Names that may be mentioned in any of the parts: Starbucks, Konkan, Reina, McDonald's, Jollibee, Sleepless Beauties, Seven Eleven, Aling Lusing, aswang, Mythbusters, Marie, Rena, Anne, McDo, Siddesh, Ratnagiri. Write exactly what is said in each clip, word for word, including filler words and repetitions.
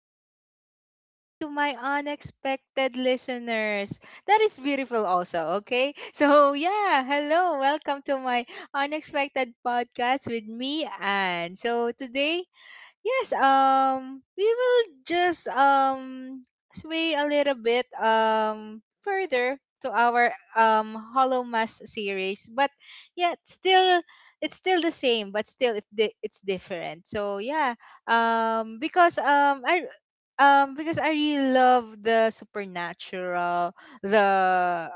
and good evening to my unexpected listeners. That is beautiful, also, okay? So, yeah, hello, welcome to my unexpected podcast with me, Anne. So, today. Yes, um, we will just um sway a little bit um further to our um Hollow Mass series, but yeah, it's still it's still the same, but still it di- it's different. So yeah, um, because um I um because I really love the supernatural, the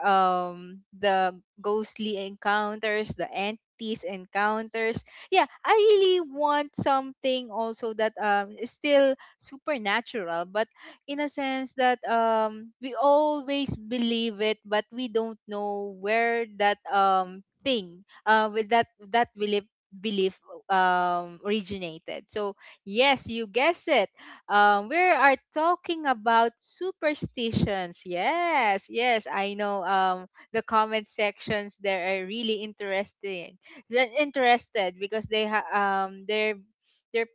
um the ghostly encounters, the entities encounters. Yeah, I really want something also that um is still supernatural, but in a sense that um we always believe it, but we don't know where that um thing uh with that that belief belief um originated. So yes, you guess it. Um, we are talking about superstitions. Yes, yes, I know. Um, the comment sections there are really interesting. They're interested because they ha- um they're they're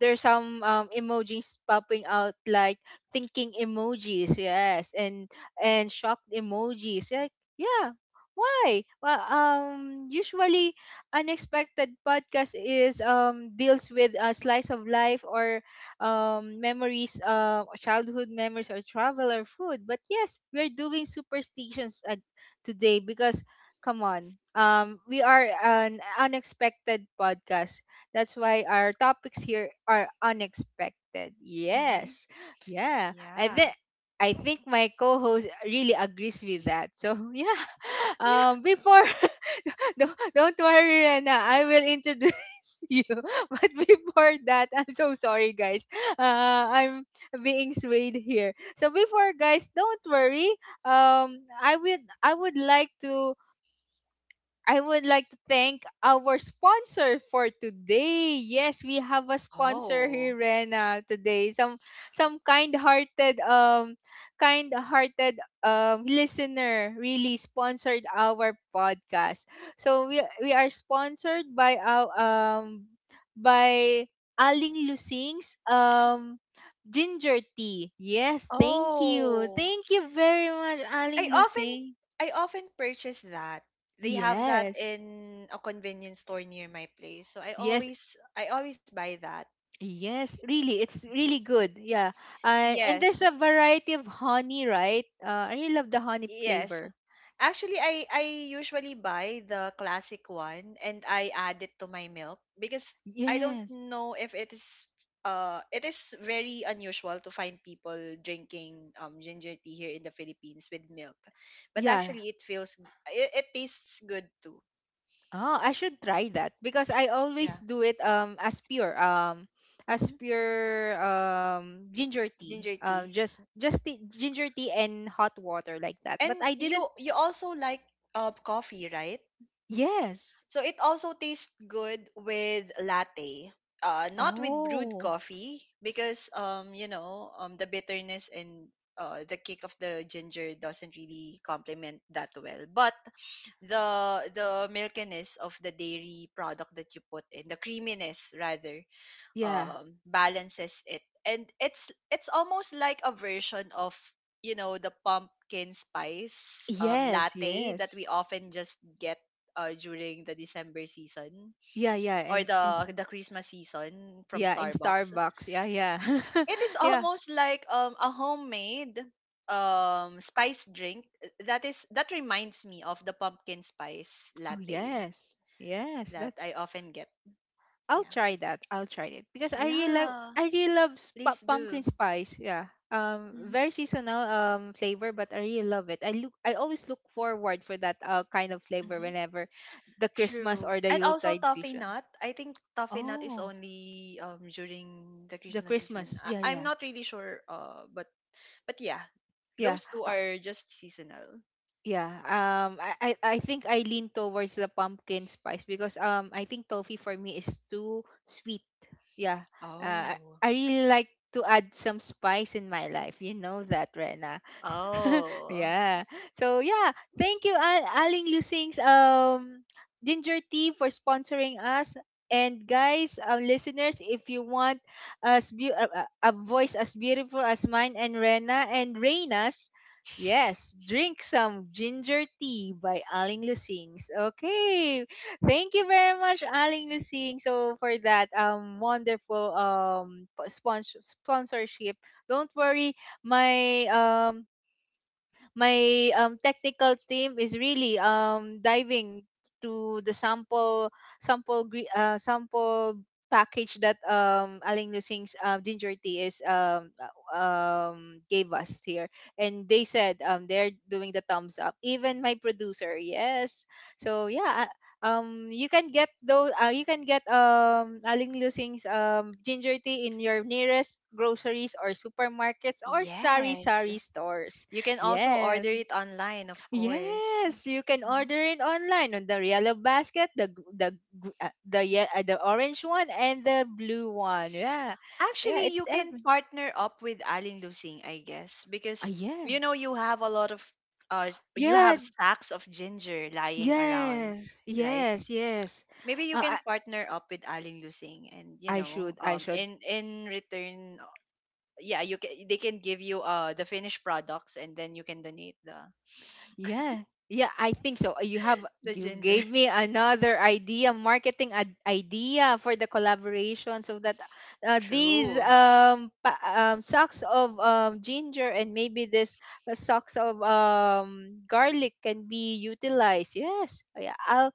there's some um, emojis popping out like thinking emojis, yes, and and shocked emojis, like, yeah. Why? Well um usually unexpected podcast is um deals with a slice of life or um memories, uh childhood memories or travel or food, but yes, we're doing superstitions uh, today because, come on. Um, we are an unexpected podcast. That's why our topics here are unexpected. Mhm. Yes. Yeah. I think Yeah. I think my co-host really agrees with that. So yeah. Um before don't, don't worry, Rena, I will introduce you. But before that, I'm so sorry guys. Uh I'm being swayed here. So before, guys, don't worry. Um I would I would like to I would like to thank our sponsor for today. Yes, we have a sponsor here, Oh. Rena, today. Some some kind-hearted um kind-hearted um listener really sponsored our podcast. So we we are sponsored by our um by Aling Lusing's um ginger tea. Yes, thank you. Oh. Thank you very much, Aling I often Lusing. I often purchase that. They have that Yes. in a convenience store near my place. So I Yes. always I always buy that. Yes, really, it's Mhm. really good. Yeah. Uh, and there's Yes. a variety of honey, right? Uh, I really love the honey Yes. flavor. Actually, I I usually buy the classic one and I add it to my milk because I don't Yes. know if it is uh it is very unusual to find people drinking um ginger tea here in the Philippines with milk. But Yeah. actually it feels it, it tastes good too. Oh, I should try that because I always Yeah. do it um as pure um as hmm pure um ginger tea. Ginger Um, tea. just just tea, ginger tea and hot water like that. But And I didn't. you you also like uh coffee, right? Yes. So it also tastes good with latte. Uh, not with brewed Oh. coffee because um you know um the bitterness and uh, the kick of the ginger doesn't really complement that well. But the the milkiness of the dairy product that you put in, the creaminess rather, Yeah. um, balances it. And it's it's almost like a version of you know the pumpkin spice um, Yes, latte that yes. we often just get uh, during the December season Yeah, yeah, or and in s- the the Christmas season from yeah, in Starbucks. Starbucks. Yeah, yeah. It is Yeah. almost like um, a homemade um spice drink that is that reminds me of the pumpkin spice Oh latte yes, yes. that That's, I often get. I'll Yeah. try that. I'll try it because I really like, Yeah. I really love sp- Please do. pumpkin spice. Yeah. Um, Mm-hmm. very seasonal um flavor, but I really love it. I look I always look forward for that uh kind of flavor whenever the Christmas True. or the And also Yuletide toffee season. nut. I think toffee nut is Oh, only um during the the Christmas season. Christmas. Yeah, I- I'm yeah, not really sure uh but but yeah, yeah. those two are just seasonal. Yeah. Um I, I I think I lean towards the pumpkin spice because um I think toffee for me is too sweet. Yeah. Uh I Oh. I really like to add some spice in my life. You know that, Rena. Oh. yeah. So yeah, thank you Al- Aling Lusing's um Ginger Tea for sponsoring us. And guys, uh, listeners, if you want as beau- uh, uh, a voice as beautiful as mine and Rena and Reina's, yes, drink some ginger tea by Aling Lusings. Okay, thank you very much, Aling Lusing. So for that um wonderful um sponsor sponsorship. Don't worry, my um my um, technical team is really um, diving to the sample sample gre- uh, sample package that um Aling Lusing's uh, ginger tea is um uh, um gave us here, and they said um they're doing the thumbs up, even my producer. Yes, so yeah, uh, um you can get those, uh, you can get um Aling Lusing's um ginger tea in your nearest groceries or supermarkets or sari Yes. sari stores. You can also Yes. order it online, of course. Yes, you can Mhm. order it online on the yellow basket, the gr- the gr- uh, the ye- uh, the orange one and the blue one. Yeah. Yeah, Actually, you it's can every. partner up with Alin Lusing, I guess, Ah, because yeah. you know you have a lot of uh s- you Yeah, have sacks of ginger lying around, yes. right? Yes, yes. Maybe you Uh, I can partner up with Aling Lusing and you I know should I um should in in return, uh, yeah, you can, they can give you uh the finished products and then you can donate the Yeah. Yeah, I think so. You have the you ginger. gave me another idea, marketing ad- idea for the collaboration so that, uh, these True. um, pa- um socks of um ginger and maybe this, uh, socks of um garlic can be utilized. Yes. Oh, yeah, I'll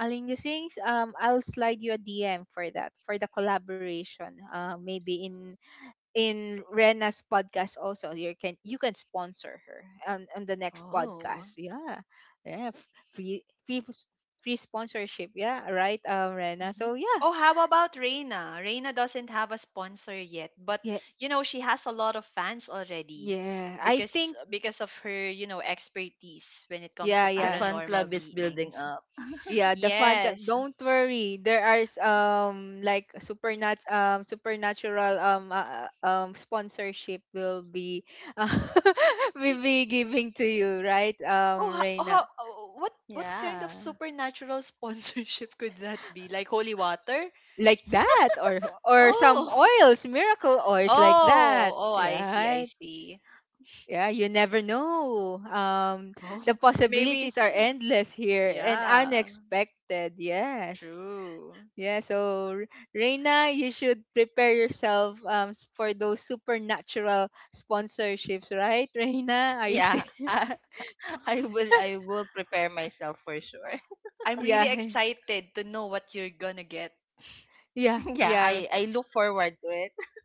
Aling you things, um I'll slide you a D M for that for the collaboration. Uh maybe in in Rena's podcast also you can you can sponsor her on, on the next Oh. podcast. Yeah, yeah, f- free free s- free sponsorship. Yeah, right, um, Rena, Hmm. so yeah. Oh, how about Reina? Reina doesn't have a sponsor yet, but Yeah. you know she has a lot of fans already Yeah, I because think, uh, because of her, you know, expertise when it comes yeah, to The yeah, fan paranormal club is building beings. up. yeah, the fan club, Yes. don't worry, there are s- um like supernat um supernatural um uh, uh, um sponsorship will be uh, will be giving to you, right, um, Oh, ho- oh, Reina. how, oh, what what kind of Yeah. supernatural sponsorship could that be? Like holy water? Like that, or or some Oh, oils, miracle oils like that, oh, oh! I see, I right. see. Yeah, you never know, um, the Oh, maybe. possibilities are endless here and Yeah, unexpected. Yes. true. Yeah, so R- Reina, you should prepare yourself, um, s- for those supernatural sponsorships, right, Reina? Are you still Yeah. I, I will I will prepare myself for sure. I'm yeah, really excited to know what you're gonna get. yeah, yeah, yeah. I I look forward to it.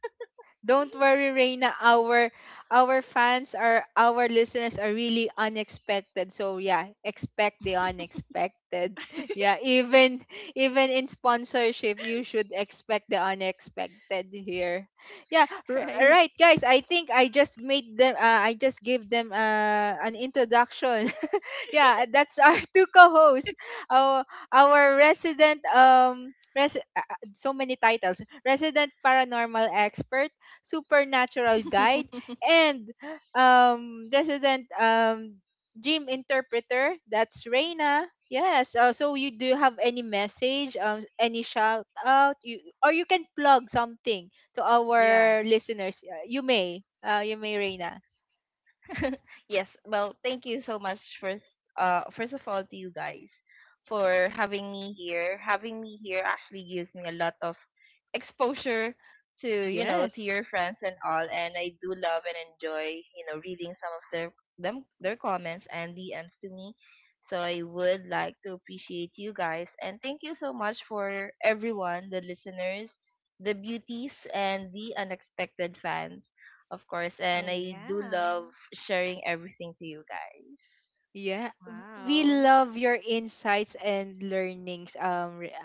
Don't worry, Reina. Our our fans are our listeners are really unexpected. So yeah, expect the unexpected. Yeah, even even in sponsorship, you should expect the unexpected here. Yeah, r- Right. right, guys. I think I just made them. Uh, I just gave them, uh, an introduction. yeah, that's our two co-hosts. Our our resident um. Res- uh, uh, so many titles: resident paranormal expert, supernatural guide, and, um, resident, um, dream interpreter. That's Reina. Yes. Uh, so you, do you have any message, um, any shout out, you, or you can plug something to Yeah. our listeners. Uh, You may. Uh, you may, Reina. Yes, well, thank you so much first uh first of all to you guys for having me here. Having me here actually gives me a lot of exposure to, you know, to Yes. your friends and all, and I do love and enjoy, you know, reading some of their them their comments and D Ms to me. So I would like to appreciate you guys and thank you so much for everyone, the listeners, the beauties, and the unexpected fans, of course. Oh, And I do yeah. love sharing everything to you guys. Yeah, w- we Wow. love your insights and learnings, um, Re-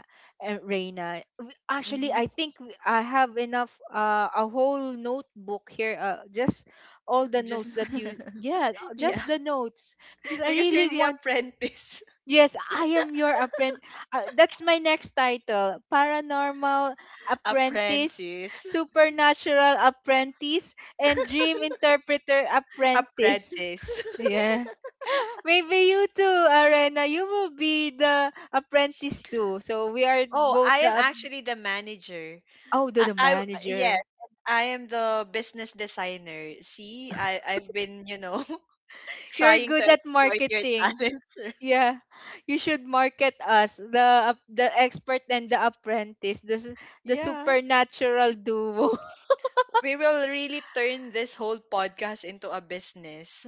uh, Reina. W- Actually, Mm-hmm. I think w- I have enough, uh, a whole notebook here. Uh, just all the Just notes that you, yeah, yeah, just the notes because I because really you're the want. apprentice. Yes, I am your apprentice. Uh, that's my next title: Paranormal Apprentice, Apprentice. Supernatural Apprentice, and Dream Interpreter Apprentice. Apprentice. Yeah. Maybe you too, Arena. You will be the apprentice too. So we are Oh, both I the am ap- actually the manager. oh, the, I, the I Yes, manager. I am the business designer. See, I I've been, you know, You're trying to good at exploit your marketing. talents. Yeah, you should market us: the ap- the expert and the apprentice, the s- the Yeah. supernatural duo. We will really turn this whole podcast into a business.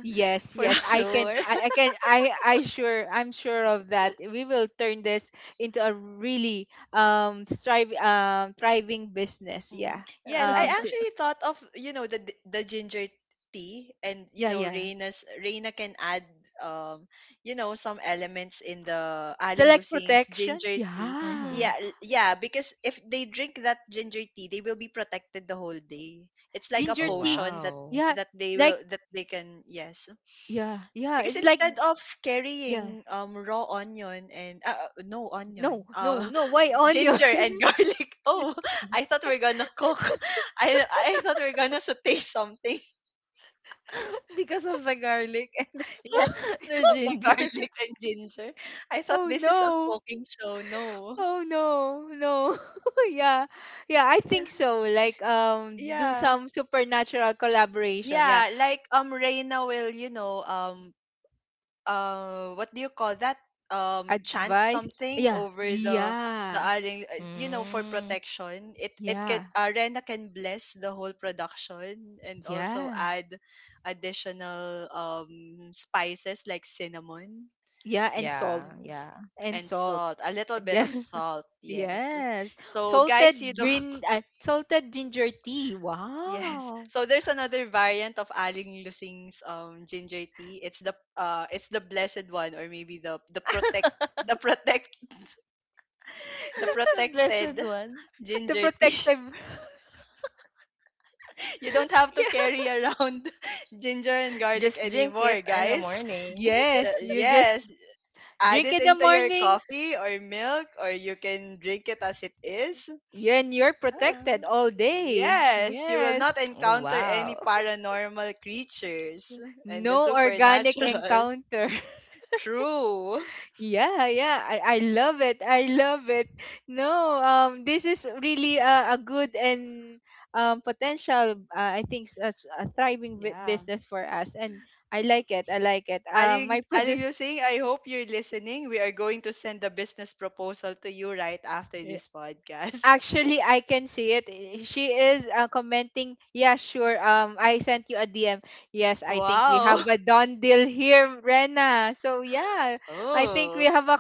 yes, For yes, I can, sure. I, I can, I, I sure, I'm sure of that. We will turn this into a really um strive um thriving business. Mhm. Yeah. Yes, I Um. So actually thought of you know the the ginger tea, and you yeah, know yeah. Reina's Reina can add um you know some elements in the The, Aling like, Lusing's protection. ginger tea. Yeah. Hmm. Yeah, l- yeah, because if they drink that ginger tea, they will be protected the whole day. It's like a Ginger Oh, tea. potion that wow. Yeah. that they Like, will that they can, yes. yeah. Yeah. Because It's like, instead of yeah. carrying um raw onion and uh, uh, no onion, No, uh no, no. Why onion? ginger and garlic. Oh, I thought we're gonna cook. I I thought we're gonna saute something. Because of the garlic Yes, and the because of the ginger. garlic and ginger. I thought oh this is a no. cooking show. No. Oh no. No. yeah. Yeah, I Yeah. think so. Like, um, do Yeah. some supernatural collaboration. Yeah. Yeah, like um Reina will, you know, um uh what do you call that, um chant Advice. something Yeah. over the the Yeah. aling, uh, you know, for Mm. protection. It it can, Yeah. arena can bless the whole production and also Yeah. add additional um spices like cinnamon, Yeah, and salt. Yeah, mm, yeah. And and salt. salt, a little bit of salt, yes. Yes. So guys, you Salted don't, green uh, salted ginger tea. yes, Wow. so there's another variant of Aling Lusing's um ginger tea. It's the uh it's the blessed one, or maybe the the protect the protect, the The blessed protected one. The ginger tea. protective. You don't have to Yeah. carry around ginger and garlic Just drink it anymore, in the guys. morning. The, Yes, you just Yes, add drink it in the into your morning coffee or milk, or you can drink it as it is. and you're Ah. protected all day. Yes, you will not Yes. Oh, encounter any wow. paranormal creatures and the No organic supernatural. encounter. True. yeah, yeah. I, I love it. I love it. No, um this is really a, a good and, um, potential, uh, I think s- a, s- a thriving bu- Yeah. business for us, and I like it. I like it. Uh, my Aling, Aling produce. Lusing, I hope you're listening. We are going to send a business proposal to you right after this podcast. Actually, I can see it. Eh, she is, uh, commenting, yeah, sure. Um, I sent you a D M. Yes, I think we have Wow. a done deal here, Rena. So yeah, I think Oh, we have a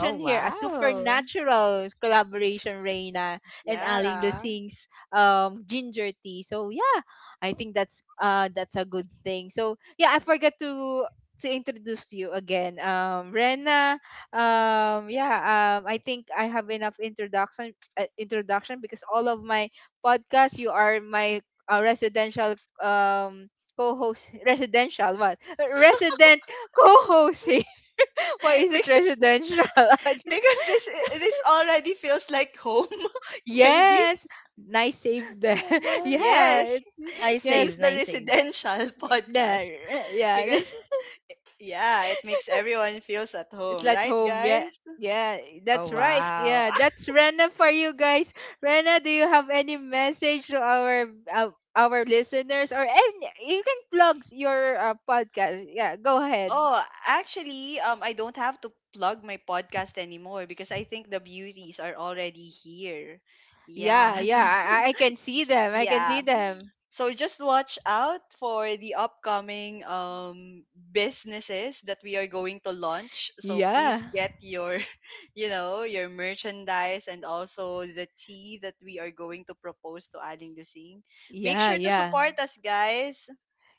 Oh, here, a wow. supernatural collaboration, Rena and Aling yeah. Lusing's um ginger tea. So yeah, I think that's, uh, that's a good thing. So yeah, I forgot to to introduce you again, um, Rena. Um, yeah, um, I think I have enough introduction, uh, introduction because all of my podcasts you are my, uh, residential, um, co-host. Residential what? Resident co-host. eh. Why is it Because residential? because this eh, this already feels like home, maybe. yes. Nice save there. Oh my. yeah, Yes. it- Nice This is save, yes, the nice save. residential yeah. podcast yeah. because yeah, it makes everyone feels at It's home, like right, home. Yeah. guys? Yeah, Oh, that's right. wow. Yeah, that's Rena for you guys. Rena, do you have any message to our, uh, our listeners or any, you can plug your, uh, podcast. Yeah, go ahead. Oh, actually, um I don't have to plug my podcast anymore because I think the beauties are already here. Yeah, Yeah, so yeah, I, I I can see them. I can see yeah, them. so just watch out for the upcoming um businesses that we are going to launch. So Yeah. please get your, you know, your merchandise, and also the tea that we are going to propose to Aling Lusing. Make Yeah, sure to yeah. support us, guys.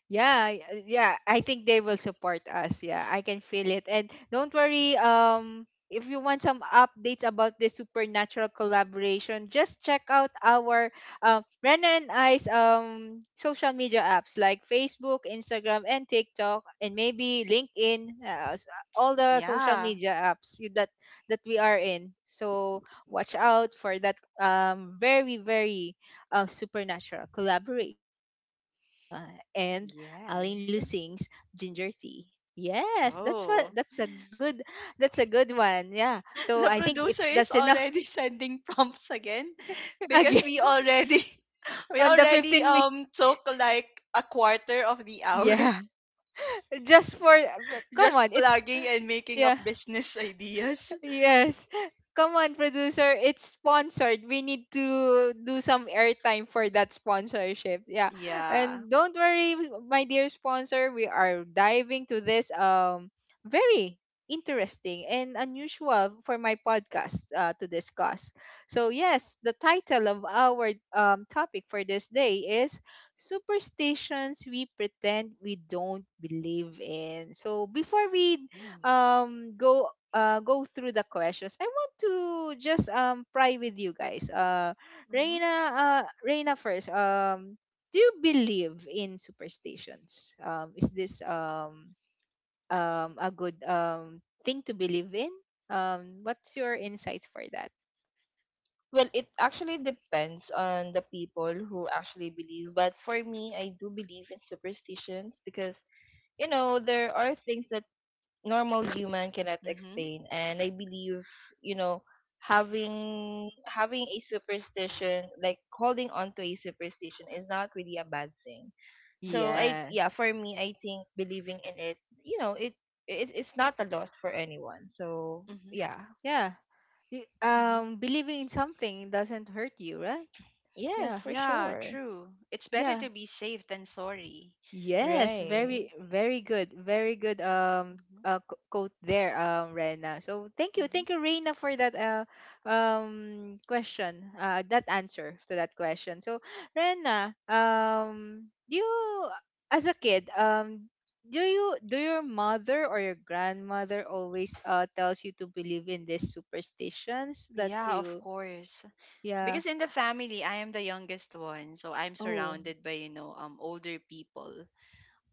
Yeah, y- uh, yeah, I think they will support us. Yeah, I can feel it. And don't worry, um, if you want some updates about this supernatural collaboration, just check out our, um, Rena and I's, um, social media apps like Facebook, Instagram, and TikTok, and maybe LinkedIn, uh, s- all the social Yeah. media apps you- that that we are in. So watch out for that, um, very very, uh, supernatural collaboration with Reina and Aline Yes. Lusing's ginger tea. Yes, that's what, Oh. that's a good, that's a good one. Yeah. So I The think it producer that's is enough already sending prompts again because again we already we on the already fifteen minutes. um took like a quarter of the hour. Yeah. Just for, come Just on, it's, plugging and making yeah. up business ideas. Yes. Come on, producer. It's sponsored. We need to do some airtime for that sponsorship. Yeah. Yeah. And don't worry, my dear sponsor. We are diving to this um very interesting and unusual for my podcast uh, to discuss. So yes, the title of our um, topic for this day is superstitions we pretend we don't believe in. So before we Mm-hmm. um go uh, go through the questions. I want to just um pry with you guys. Uh, Mm-hmm. Reina, uh, Reina first. Um, do you believe in superstitions? Um, is this um um a good um thing to believe in? Um, what's your insights for that? Well, it actually depends on the people who actually believe. But for me, I do believe in superstitions because, you know, there are things that normal human cannot Mm-hmm. explain. And I believe, you know, having having a superstition, like holding on to a superstition, is not really a bad thing. So I, yeah, Yes. for me, I think believing in it, you know, it, it it's not a loss for anyone. So Mm-hmm. yeah. Yeah. Y- Mm-hmm. Um, believing in something doesn't hurt you, right? Yes, Yeah. for Yeah, sure. true. It's better Yeah. to be safe than sorry. Yes, Mm-hmm. Right. very, very good, very good um Mm-hmm. uh, co- quote there, um, Rena. So thank you, Mm-hmm. thank you, Reina, for that uh um question, uh that answer to that question. So Rena, um, do you as a kid, um, do you do your mother or your grandmother always uh tells you to believe in these superstitions that Yeah, of you course. yeah, Because in the family, I am the youngest one, so I'm oh surrounded by, you know, um older people.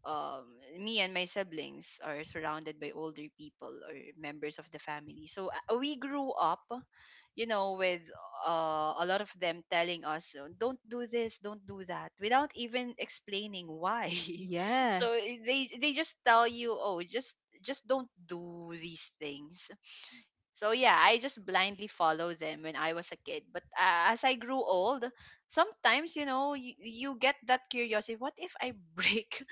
um, Me and my siblings are surrounded by older people or members of the family. So uh, we grew up, you know, with uh, a lot of them telling us, "Oh, don't do this, don't do that," without even explaining why. So yes, i- they they just tell you, oh, just just don't do these things. So yeah, I just blindly follow them when I was a kid. But uh, as I grew old, sometimes you know you, you get that curiosity. What if I break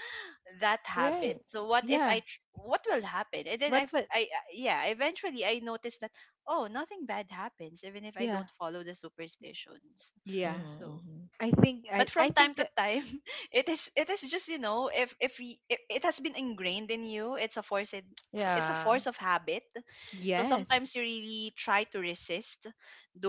that habit? Right. So what if yeah. I tr- what will happen? And then what I f- what I I- yeah, eventually I noticed that oh, nothing bad happens even if I yeah, don't follow the superstitions. yeah. Mm-hmm, So mm-hmm. I think I but I from time think to uh, time, it is, it is just, you know, if if y- it, it has been ingrained in you. It's a force in, it's a Yeah. force of habit, so Yes. sometimes you really try to resist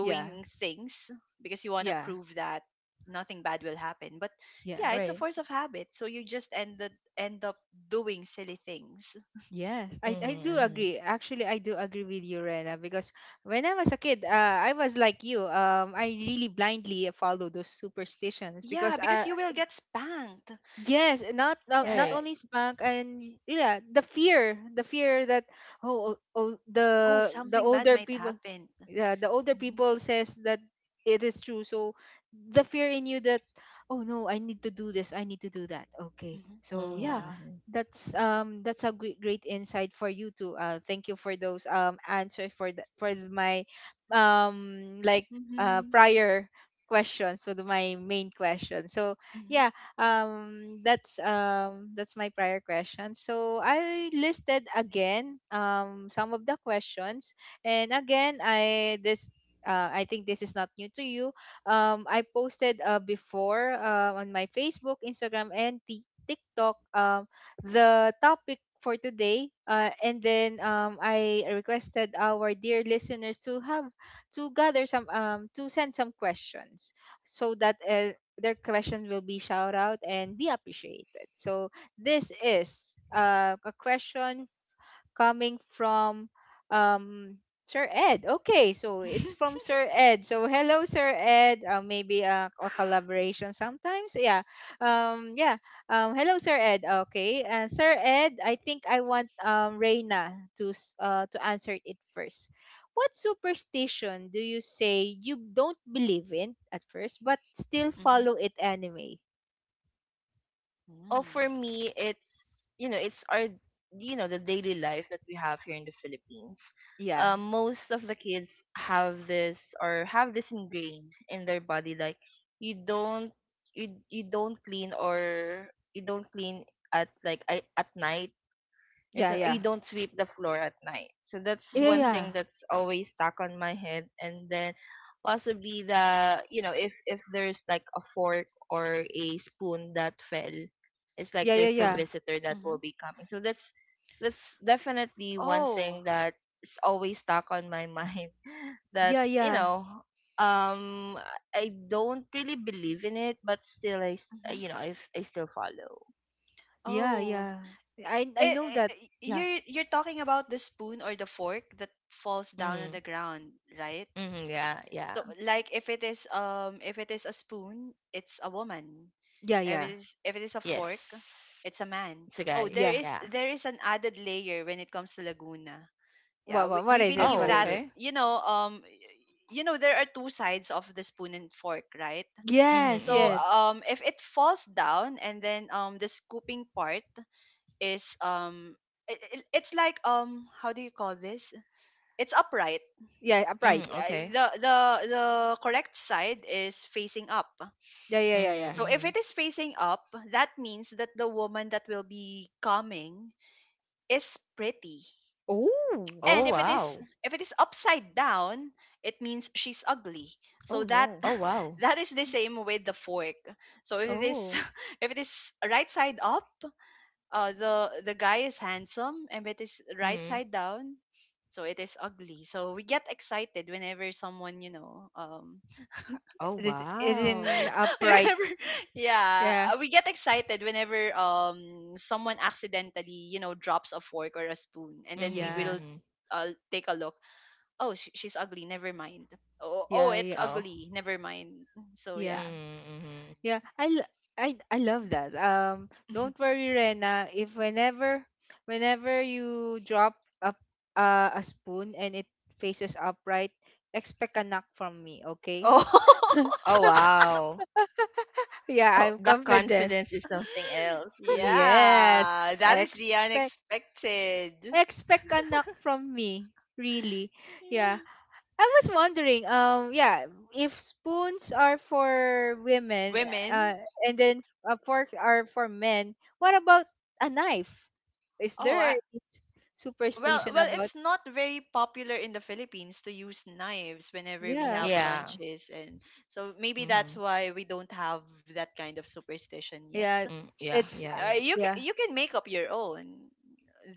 Yeah. things because you want to Yeah. prove that nothing bad will happen. But yeah, Yeah. it's a Right. force of habit, so you just ended end up doing silly things. Yes. I Mm-hmm, I do mm-hmm. agree. Actually, I do agree with you, Rena, because when I was a kid, uh, I was like you. Um I really blindly follow those superstitions Yeah, because because uh you will get spanked. yes, not not, not Yeah. Right. only spunk and yeah, the fear, the fear that oh, oh oh, Oh, the the something bad older might people happen. yeah, the older Hmm. people says that it is true. So the fear in you that oh no, I need to do this, I need to do that. Okay, Hmm. so yeah, Mm-hmm, Yeah. mm-hmm. that's um that's a great, great insight for you too. Uh, thank you for those um answer for the, for my um like uh Hmm. prior questions so the, my main question so yeah um that's um that's my prior question so I listed again um some of the questions and again, I this uh, I think this is not new to you. Um, I posted uh, before uh, on my Facebook, Instagram, and Tik TikTok um, the topic for today. Uh, and then um, I requested our dear listeners to have to gather some um, to send some questions so that uh, their question will be shout out and be appreciated. So this is uh, a question coming from um Sir Ed. Okay, so it's Hmm. from Sir Ed. So hello, Sir Ed. Uh, maybe uh, a collaboration sometimes. Yeah. Um. Yeah. Um. Hello, Sir Ed. Okay. Uh, Sir Ed, I think I want um Reina to s- uh to answer it first. What superstition do you say you don't believe in at first, but still follow it anyway? Oh, for Mm, me, it's, you know, it's our, you know, the daily life that we have here in the Philippines. Yeah. Um, most of the kids have this, or have this ingrained in their body, like you don't, you you don't clean, or you don't clean at, like, I, at night. There's Yeah. a, Yeah. You don't sweep the floor at night. So that's Yeah. one mm, thing Yeah. that's always stuck on my head. And then possibly, the, you know, if if there's like a fork or a spoon that fell, it's like Yeah. Yeah. there's a Yeah. visitor that mhm. will be coming. So that's that's definitely one Oh, thing that is always stuck on my mind. That's, Yeah. you Yeah. know, um I don't really believe in it, but still I s- mhm. you know I f- I still follow. Yeah, Oh. yeah. I I It, know that. it, Yeah, you're you're talking about the spoon or the fork that falls down on Mm-hmm. the ground, right? Mm-hmm. Yeah. Yeah. So like if it is um if it is a spoon, it's a woman. yeah, If it yeah, is, if it is a Yes. fork, it's a man. It's a Oh, guy. there yeah. is, Yeah. there is an added layer when it comes to Laguna. Yeah, What we, what what we is it? believe Oh, What is that it? okay. you know um you know there are two sides of the spoon and fork, right? Mm-hmm, Yes, So mm-hmm. yes. um if it falls down and then um the scooping part is, um it, it- it's like, um how do you call this? It's upright. Yeah, upright. Mm, Yeah, eh, okay. the the the correct side is facing up. Yeah, yeah, yeah, Mm-hmm, yeah. So if mm-hmm. it is facing up, that means that the woman that will be coming is pretty. Oh, And Oh, if it is, wow. if it is upside down, it means she's ugly. So oh that, no. Oh, wow. that is the same with the fork. So if it is, Oh, if it is right side up, uh the the guy is handsome, and if it is right Mm-hmm. side down, so it is ugly. So we get excited whenever someone, you know, um Oh, this is in wow. upright. whenever, yeah, Yeah, uh, we get excited whenever um someone accidentally, you know, drops a fork or a spoon, and Mm-hmm, then we will, yeah, mm-hmm. uh, take a look. Oh sh- she's ugly, never mind. Oh, oh yeah, it's yeah, Oh. ugly, never mind. So yeah, yeah. Mm-hmm, mm-hmm. yeah. I l- I I love that. Um, don't worry, Rena. If whenever Whenever you drop up uh, a spoon and it faces upright, expect a knock from me. Okay? Oh, Oh, wow. Yeah, Oh, I'm the confident. confidence is something else. Yes. yeah, that is the Expect unexpected. Expect a knock from me. Really. Yeah. Yeah. I was wondering, um, yeah, if spoons are for women, Women. uh, and then a fork are for men, what about a knife? Is Oh, there a I, well, superstition well, about it's not very popular in the Philippines to use knives whenever we yeah, have Yeah. lunches, and so maybe Mm-hmm. that's why we don't have that kind of superstition yet. yeah. Mm, yeah, It's yeah, uh, Uh, yeah. You can, Yeah. you can make up your own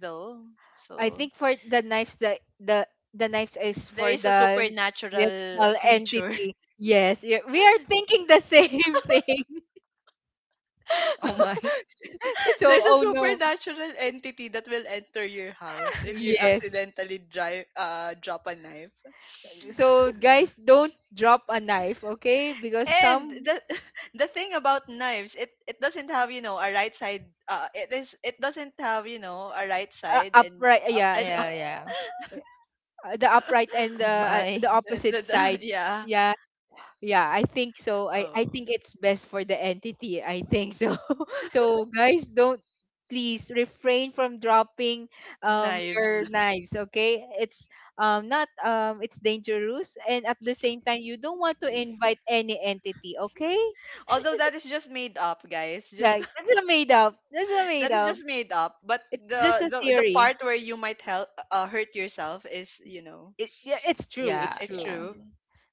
though. I So think for the knives, the the the knives s- is there for is a the supernatural digital creature. entity. Yes, y- we are thinking the same thing. Oh, my. So, There's a oh no. supernatural entity that will enter your house if you Yes. accidentally drive uh drop a knife. So, Yeah. guys, don't drop a knife, okay? Because And some the the thing about knives, it it doesn't have, you know, a right side, uh it is it doesn't have, you know, a right are side and upright, uh, yeah, and the, uh, Yeah, yeah. the upright and Oh, the, uh, my. the opposite the, the, side. yeah. Yeah, yeah, I think so. I I Oh, think it's best for the entity. I think so. So guys, don't please refrain from dropping um knives. your knives, okay? It's um not um it's dangerous and at the same time you don't want to invite any entity, okay? Although that is just made up, guys. Just Yeah, that's a made up. That's a made That is up. just made up, but It's the just a the, the theory. part where you might help uh, hurt yourself, is, you know, It, yeah, it's true. Yeah, It's it's true. yeah. true.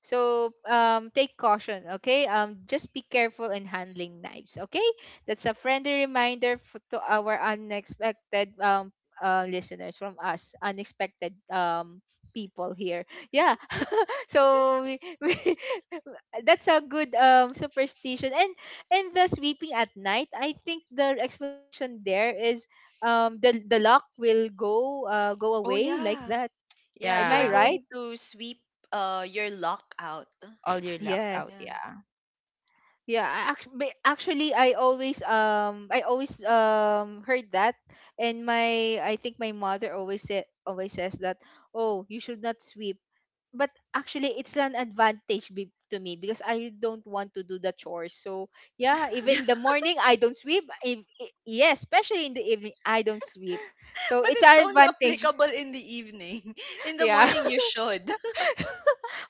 So um, take caution, okay? Um, just be careful in handling knives, okay? That's a friendly reminder for, to our unexpected um, uh, listeners from us, unexpected um, people here. Yeah. so we, we, that's a good um, superstition. And and the sweeping at night, I think the explanation there is um, the the lock will go uh, go Oh away like yeah, that. yeah, Am you are I Yeah. right? going to sweep uh your lock out. All your luck out, Yes. Yeah. yeah. Yeah, I act- ba- actually I always um I always um heard that and my I think my mother always said, always says that oh you should not sweep but actually it's an advantage be- to me because I don't want to do the chores so yeah even the But morning I don't sweep if, e, yes especially in the evening I don't sweep so it's it's an only advantage. applicable in the evening. In the Yeah, morning you should,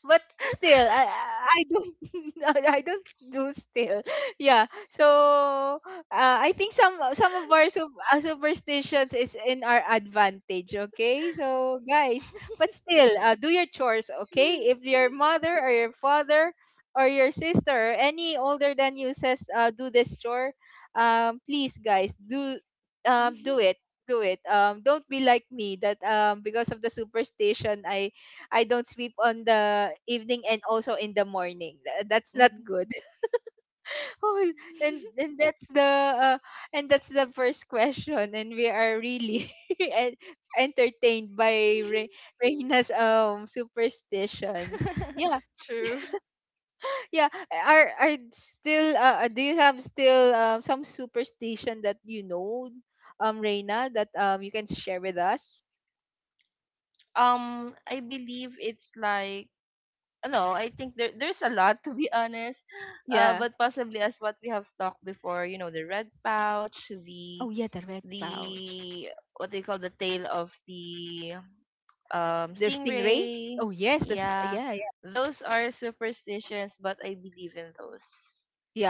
but still I, I I don't I I don't do still yeah so uh, I think some some of our sup- uh, superstitions is in our advantage, okay, so guys but still uh, do your chores, okay, if your mother or your father or your sister or any older than you says uh, do this chore um please guys do um do it, do it, um don't be like me that um because of the superstition I I don't sweep on the evening and also in the morning. Tha- That's not mhm. good. Oh, and and that's the uh, and that's the first question, and we are really en- entertained by Re- Reina's um superstition. Yeah, true yeah. Are are still uh, uh, do you have still um some superstition that you know, um, Reina, that um you can share with us? um I believe it's like, no, I think there there's a lot to be honest. Uh Yeah. but possibly, as what we have talked before, you know, the red pouch, the Oh yeah, the red pouch. the what they call the tail of the um The stingray. stingray. Oh yes, that's Yeah. yeah, Those are superstitions, but I believe in those.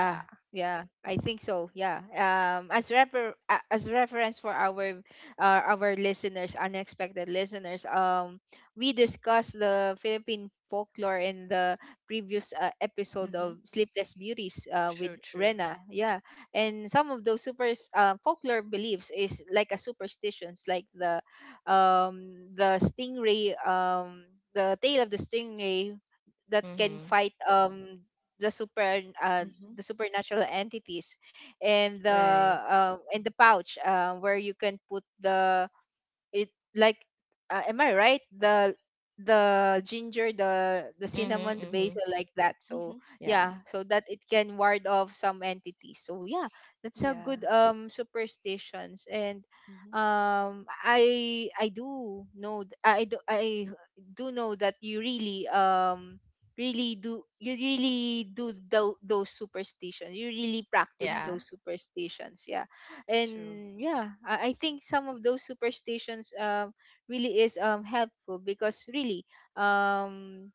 Yeah. yeah, I think so. Yeah. Um, as refer a- as reference for our uh, our listeners, unexpected listeners, um, we discussed the Philippine folklore in the previous uh, episode hmm of Sleepless Beauties uh, with True, true. Rena. Yeah, and some of those super uh, folklore beliefs is like a superstitions, like the um the stingray um. The tale of the stingray that can Mhm. fight um the super uh, Mm-hmm. the supernatural entities and the Right. um and the pouch uh, where you can put the it like uh, am I right? The the ginger, the the Mhm. cinnamon, the Mhm. basil, like that. So Mm-hmm. Yeah. yeah, so that it can ward off some entities. So yeah, that's a Yeah. good um superstitions and Mm-hmm. um I I do know th- I do I do know that you really um really do you really do tho- those superstitions you really practice Yeah. Mm-hmm. those superstitions yeah True. and yeah, i, I think some of those superstitions um really is um helpful because really um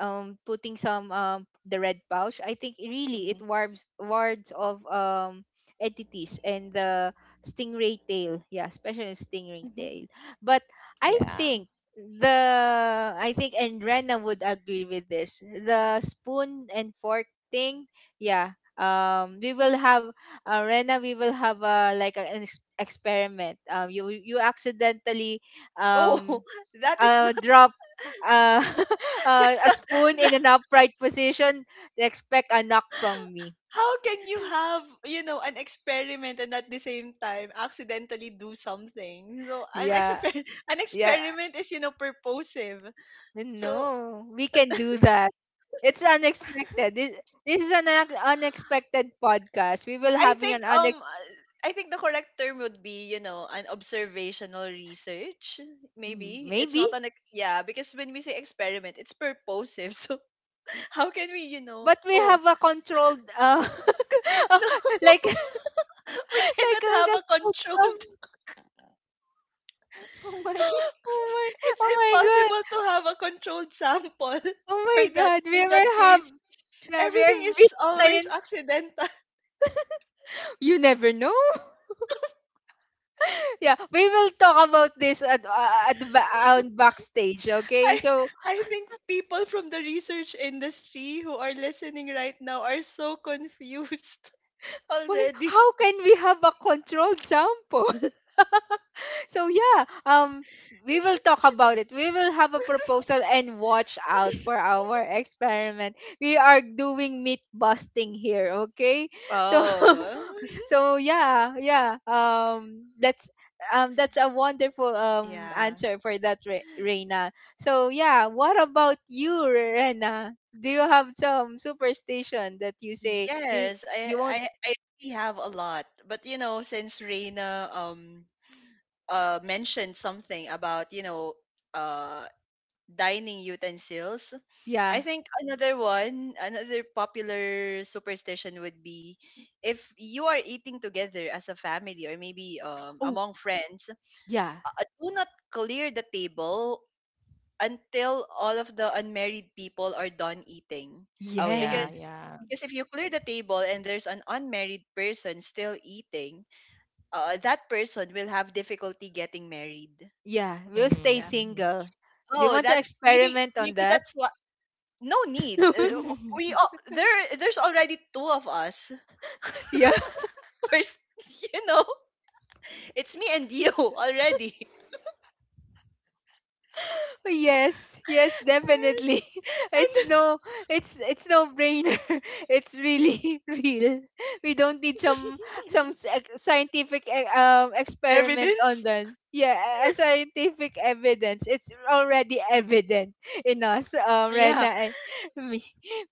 um putting some um the red pouch I think it really Mm-hmm. it wards wards of um entities and the stingray tail, yeah, especially stingray Mm-hmm. tail but I Yeah. think the I think and Rena would agree with this the spoon and fork thing, yeah, um we will have uh, Rena, we will have a like a- an ex- experiment. Um, you you accidentally Oh, um that is uh not drop uh, uh that's a not spoon that, in an upright position. Expect a knock from me. how can you have, you know, an experiment and at the same time accidentally do something? So an Yeah, exper an yeah. experiment is, you know, purposive. So No, we can do that. It's unexpected. This this is an un- unexpected podcast. We will I having an think unex um I think the correct term would be, you know, an observational research. Maybe it's maybe, not an ex- yeah, because when we say experiment, it's purposive. So how can we, you know? but we Oh, have a controlled uh no, like we cannot like have a a controlled. Oh my. oh my, It's oh my god. impossible to have a controlled sample Oh my for that. god. In We that will have case, yeah, we everything are big is always science. accidental. You never know. Yeah, we will talk about this at uh, at the ba- on backstage, okay? I So, I think people from the research industry who are listening right now are so confused why, already. how can we have a controlled sample? So yeah, um we will talk about it. We will have a proposal and watch out for our experiment. We are doing meat busting here, okay? So Oh, so yeah yeah um that's um that's a wonderful um yeah. answer for that Re- Reina so yeah what about you Reina do you have some superstition that you say you Yes, I you I won't I really have a lot. But you know, since Reina um uh, mentioned something about you know uh, dining utensils. I yeah think another one, another popular superstition would be if you are eating together as a family or maybe um, oh among friends, yeah uh, do not clear the table until all of the unmarried people are done eating, Oh, yeah, because yes yeah. because if you clear the table and there's an unmarried person still eating, uh, that person will have difficulty getting married. yeah we'll stay Mhm. Yeah. Mhm. single do you Oh, want to that maybe experiment on maybe that that's what. No need. Uh, uh, We all, there there's already two of us. yeah. First, you know, it's me and you already. Yes, yes, definitely. It's And, and no, it's it's no brainer. It's really real. We don't need some some s- ex- scientific e- um experiment on evidence. that. Yeah, a a scientific evidence. It's already evident in us, um, Yeah, Rena and me.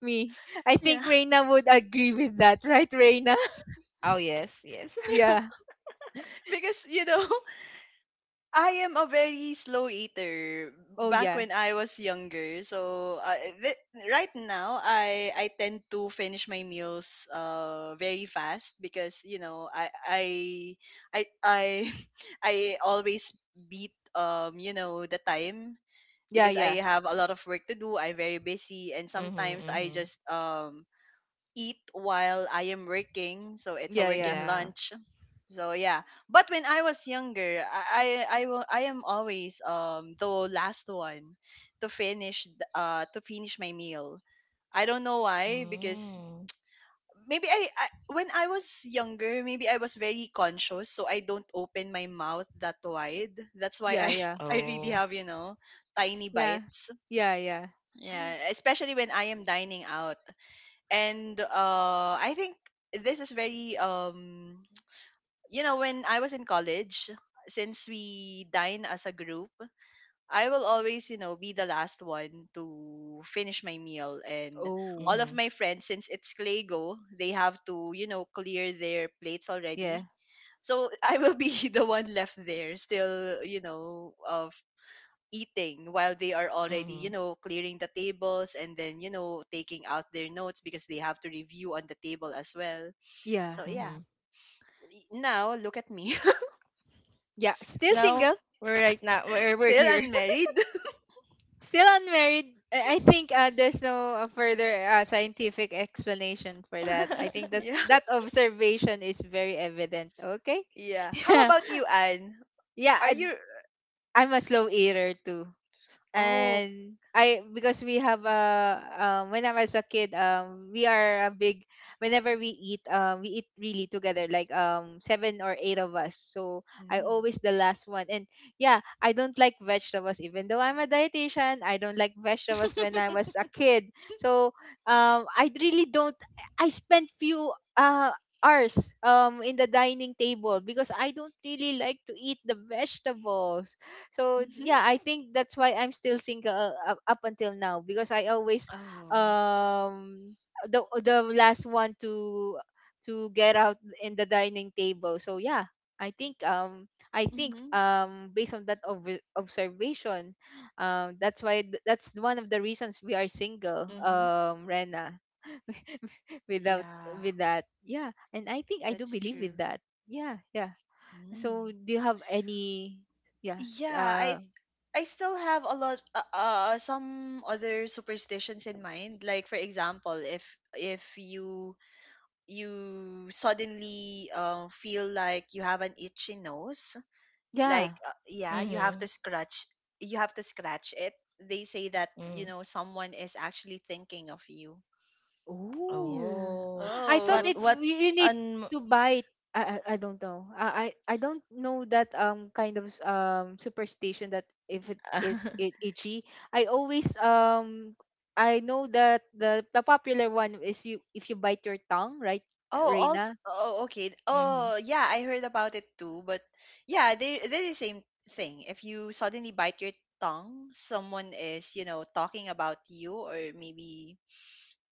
Me, I yeah, think Reina would agree with that, right, Reina? Oh yes, yes. yeah. Yeah. Because you know, I am a very slow eater Oh back yeah. when I was younger. So uh, th- right now I I tend to finish my meals uh very fast because you know I I I I I always beat um you know the time Yeah because yeah I have a lot of work to do. I'm very busy and Mhm, sometimes I mhm. just um eat while I am working, so it's a yeah yeah working Yeah. lunch. So yeah, but when I was younger, I I I, wa- I am always um the last one to finish th- uh to finish my meal. I don't know why because Mm. maybe I, I when I was younger, maybe I was very conscious, so I don't open my mouth that wide. That's why yeah I yeah I really Oh. have, you know, tiny yeah bites. yeah yeah. Yeah, especially when I am dining out and uh I think this is very um you know when I was in college, since we dine as a group, I will always, you know, be the last one to finish my meal, and Oh, all of Mhm, my friends, since it's clego, they have to, you know, clear their plates yeah. already, so I will be the one left there still, you know, uh, eating while they are already, you mhm, know, clearing the tables and then, you know, taking out their notes because they have to review on the table as well. Yeah. So yeah, mhm. y- now look at me, Yeah. Still No, single. we're right now. We're we're still here. unmarried. Still unmarried. I I think uh, there's no uh, further uh, scientific explanation for that. I think that's Yeah, that observation is very evident. Okay. yeah. How about you, Anne? Yeah. Are Yeah. you? I'm a slow eater too. S- Oh, And I, because we have a um when I was a kid, um we are a big — whenever we eat, um we eat really together, like um seven or eight of us, so I mm-hmm. always the last one. And yeah, I don't like vegetables, even though I'm a dietitian. I don't like vegetables when I was a kid, so um I really don't. I spent few uh hours um in the dining table because I don't really like to eat the vegetables. So Mm-hmm. yeah, I think that's why I'm still single, uh, up, up until now because I always Oh, um the the last one to to get out in the dining table. So yeah, I think um I think mm-hmm. um based on that ob- observation, um that's why th- that's one of the reasons we are single, Mm-hmm. um Rena. Without — Yeah, with that. Yeah, and I think I do that's believe true. with that. Yeah, yeah. So Mm. do you have any? Yeah. Yeah, uh I I still have a lot uh, uh some other superstitions in mind. Like for example, if if you you suddenly uh, feel like you have an itchy nose, like Yeah. uh, yeah, you have to Mhm, scratch you have to scratch it. They say that, you mhm. know, someone is actually thinking of you. Oh. Yeah. Oh. I thought What Oh. it — what you you need on? to buy it. I I I don't know. I I I don't know that um kind of s- um superstition that if it is it itchy. I always um I know that the the popular one is, you — if you bite your tongue, right, Oh, also, Reina? oh, okay. Mhm, Oh, yeah, I heard about it too. But yeah, they they're the same thing. If you suddenly bite your tongue, someone is, you know, talking about you or maybe,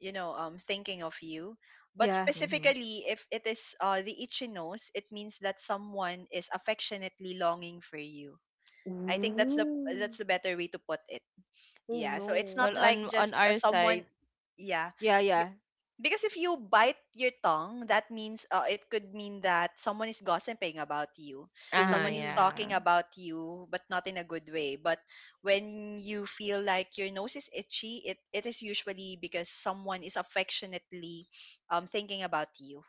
you know, um, thinking of you. But Yeah. mhm. specifically, if it is uh, the itchy nose, it means that someone is affectionately longing for you. I think that's the Ooh. that's the better way to put it. Oh Yeah. So it's no. not Well, like on on just uh, our someone. side. Yeah, Yeah, yeah. because if you bite your tongue, that means uh, it could mean that someone is gossiping about you. Ah, Someone is Ooh. yeah. talking about you, but not in a good way. But when you feel like your nose is itchy, it, it is usually because someone is affectionately um, thinking about you.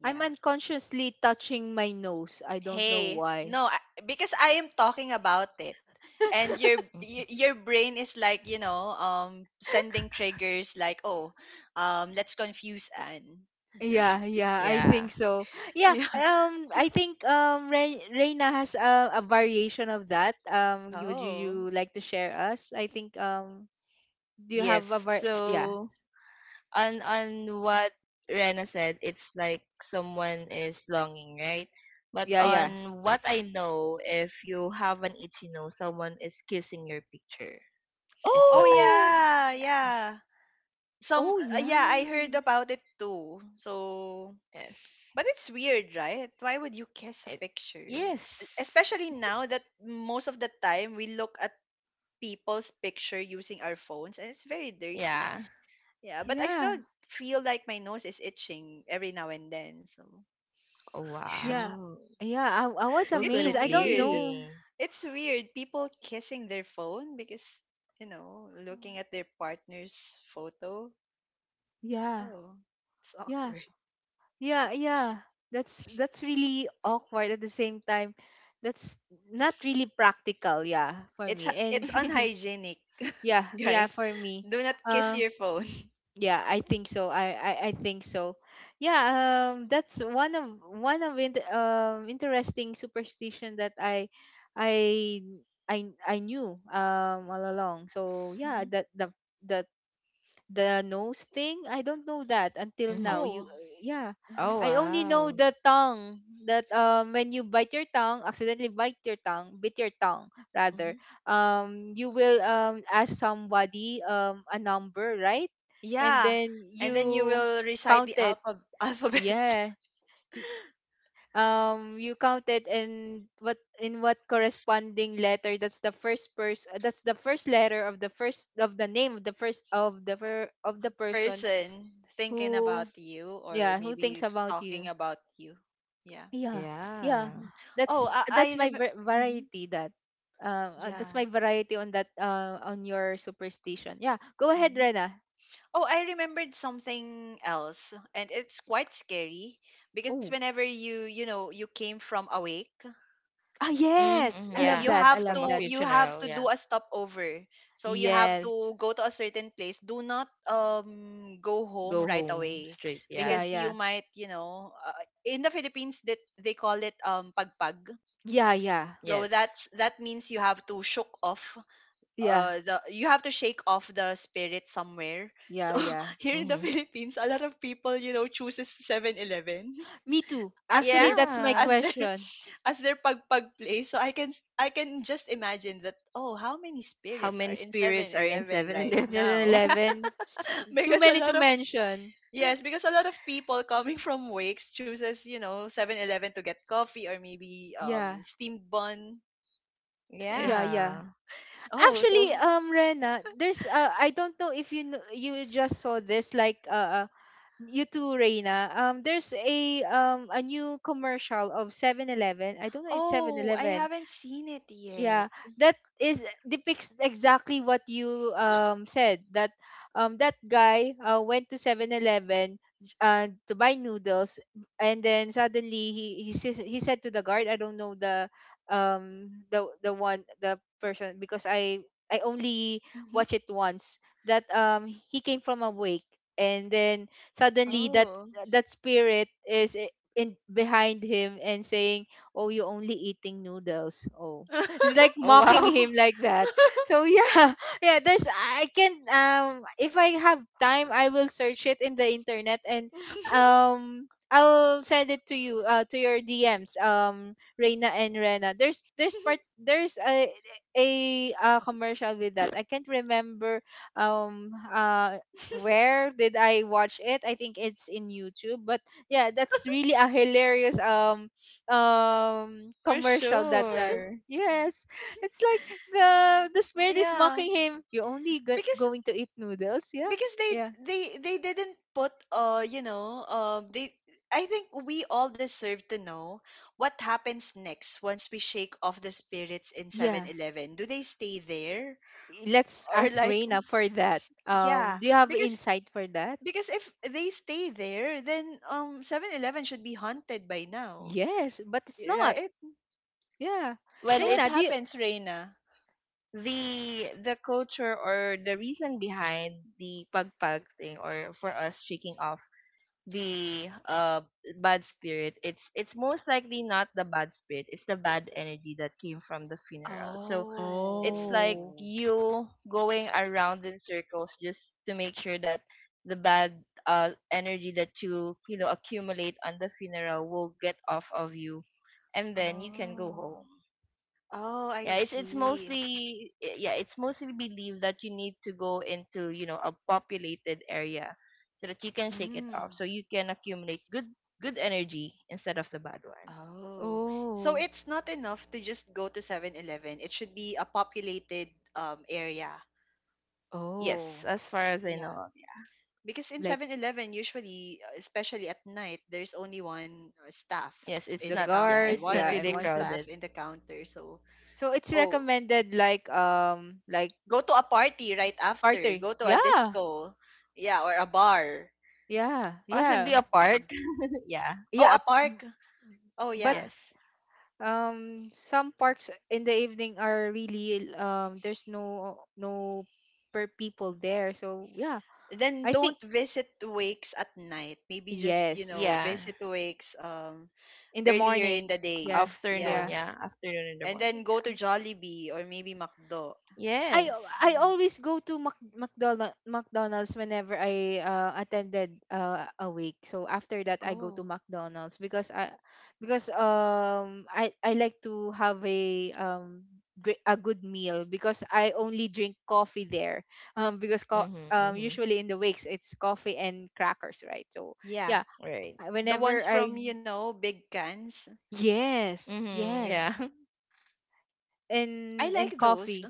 Yeah. I'm unconsciously touching my nose. I don't know Hey, why. no, I, because I am talking about it. And your Mhm. y- your brain is like, you know, um, sending triggers like, oh, um, let's confuse Anne. Yeah, yeah, I Yeah. think so. Yeah, um, I think um, Re- Reina has a, a variation of that. Um, would you, Oh. you like to share us? I think um, do you Yes. have a var? Yeah, So, on on what Rena said, it's like someone is longing, right? But yeah, Mm-hmm. yeah. on what I know, if you have an itchy nose, someone is kissing your picture. Is Oh what I have Oh, known. yeah, Yeah. yeah. Some oh uh, yeah. yeah, I heard about it too. So, Yes. but it's weird, right? Why would you kiss a It. picture? E- Yes. Especially now that most of the time we look at people's picture using our phones and it's very dirty. Yeah. Yeah, but I Yeah, still feel like my nose is itching every now and then. So, Oh, yeah, wow. yeah. I, I was Who could it's amazed. it I don't weird. know. be? It's weird people kissing their phone because you know, looking at their partner's photo. Yeah, Oh, it's yeah, awkward. yeah, yeah. That's that's really awkward at the same time. That's not really practical, yeah, for It's h- me. And — it's Mhm. unhygienic, yeah, yeah, guys. for me. Do not kiss Uh your phone. yeah, I think so. I I, I think so. Yeah, um that's one of one of int um interesting superstition that I I I I knew um all along. So yeah, Hmm. that the — the the nose thing, I don't know that until now, you — Oh. yeah, Hmm. Oh I only know wow. the tongue. That um when you bite your tongue — accidentally bite your tongue — bit your tongue rather, Hmm. um you will um ask somebody um a number, right, and Yeah, then and then you you will recite count the it. alphab alphabet, Yeah. Y- um you count it, and what — in what corresponding letter — that's the first person, that's the first letter of the first of the name of the first of the fir- of the person. person thinking about Who — you or yeah, who thinks maybe about you. talking about you. Yeah. Yeah, yeah. Yeah. Mhm. that's Oh, I, I that's my remember. va- variety. That uh, uh, that's Yeah. my variety on that, uh, on your superstition. Yeah, go ahead, Mhm. Rena. Oh, I remembered something else, and it's quite scary because Oh. whenever you, you know, you came from awake, Ah, yes, Mm-hmm. I yeah, love Yeah. you that, Yeah. I have love From a to that. you have funeral. to Yeah. do a stopover, so you have Yes. to go to a certain place. Do not um go home Go right home away, straight. Yeah, Yeah. because yeah, you might, you know, uh, in the Philippines, that they call it um pagpag. yeah, yeah, So Yes. that's that means you have to shook off yeah, uh the you have to shake off the spirit somewhere. So yeah, yeah. here in the Mm-hmm. Philippines, a lot of people, you know, chooses Seven Eleven Me too, as actually. their That's my as Yeah. their question. as their pagpag place. So I can s- I can just imagine that, oh, how many How spirits are many in Seven spirits are in Eleven right seven eleven? now? Yeah. eleven. Too because a many to lot of mention. Yes, because a lot of people coming from wakes chooses, you know, Seven Eleven to get coffee or maybe Yeah, um steamed bun. Yeah. yeah, yeah. Yeah. Oh, so Actually, um, Rena, there's uh, I don't know if you kn- you just saw this, like uh, uh, you too, Rena. Um, there's a um a new commercial of Seven Eleven. I don't know it's Seven oh, I Eleven haven't seen it yet. yeah, that is depicts exactly what you um said. That um that guy, uh, went to Seven Eleven 11 uh, to buy noodles. And then suddenly he he, says, he said to the guard — I don't know the um the the one, the person, because i i only Hmm. watch it once — that um he came from a wake, and then suddenly that — Oh. that spirit is i- in behind him and saying, oh, you're only eating noodles. Oh, it's like Oh mocking wow. him like that. So yeah, yeah. There's — I can um if I have time, I will search it in the internet and um I'll send it to you, uh to your D Ms, um Reina and Rena. There's — there's part — there's a — a, uh commercial with that. I can't remember um uh where did I watch it. I think it's in YouTube, but yeah, that's really a hilarious um um For commercial that time. sure. Yes, it's like the the smear is Yeah. mocking him. You're only go- Because going to eat noodles, yeah, because they yeah. they they didn't put uh you know um they, I think we all deserve to know what happens next once we shake off the spirits in Seven Yeah. Eleven. Do they stay there Let's or ask like Reina for that. yeah Um, do you have because insight for that? because if they stay there then um Seven Eleven should be haunted by now, Yes, but it's not. right? Yeah. Well, So what Reina, do you — it's happens, Reina? the the culture, or the reason behind the pagpag thing, or for us shaking off the uh bad spirit. It's it's most likely not the bad spirit. It's the bad energy that came from the funeral. So it's like oh. Oh. you going around in circles, just to make sure that the bad, uh, energy that you you know accumulate on the funeral will get off of you, and then you can go Oh. home. Oh, Yeah, I it's it's see. mostly yeah it's mostly believed that you need to go into, you know, a populated area, so that you can shake it off, Mm. so you can accumulate good good energy instead of the bad one. Oh, so Oh, it's not enough to just go to Seven Eleven. It should be a populated um area. Yes, oh, as far as I know Yeah. of. Because in like Seven Eleven usually, uh, especially at night, there's only one uh, staff Yeah, yes, it's in the the not, yeah, counter, guard, it's one not yeah, or and really two once. a- staff crowded. in the counter. So, So it's oh, recommended like um like go to a party right after. starter. Go to a Yeah. disco. Yeah, or a bar. Yeah, Possibly yeah. a park. Yeah. Yeah. Oh, Yeah. a park. Oh, But. yeah. Yes. Um some parks in the evening are really um there's no no per people there, so yeah. Then I think — don't visit wakes at night. Maybe just, you yes, know, Yeah. visit wakes um in the earlier in morning. the Yeah, day. Afternoon. Yeah. yeah. Yeah. Afternoon in the And then morning. go Yeah. to Jollibee or maybe McDo. I Yes. I Yeah. always go to Mac- McDonald — McDonald's whenever I uh, attended uh, a week. So after that, I go to Oh. McDonald's because I — because um I I like to have a um gre- a good meal, because I only drink coffee there. Um, because co- Mhm. um Mhm. usually in the wakes it's coffee and crackers, right? So Yeah. yeah, Right. I- The whenever ones I — from, you know, big cans. yes, Mhm. Yeah. Yeah. yes — I and and like those. coffee,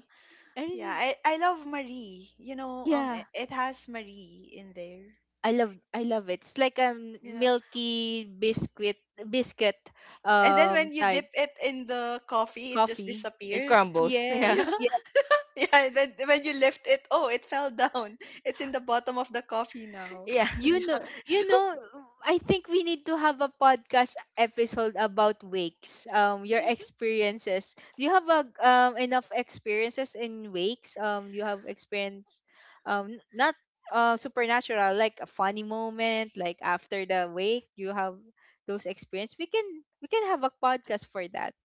Yeah, and I, I love Marie. You know, um yeah, it, it has Marie in there, I love — I love it. It's like a you know. milky biscuit — biscuit And then um when you type dip it in the coffee, it just coffee. It disappear. crumbles. Yes. Yeah. Yeah. Yeah. Yeah, and then when you lift it, oh, it fell down. It's in the bottom of the coffee now. Yeah. You Yeah. know — So you know, I think we need to have a podcast episode about wakes. Um your experiences. Do you have a um enough experiences in wakes? Um you have experience — um n- not uh supernatural, like a funny moment, like after the wake you have those experience. We can — we can have a podcast for that.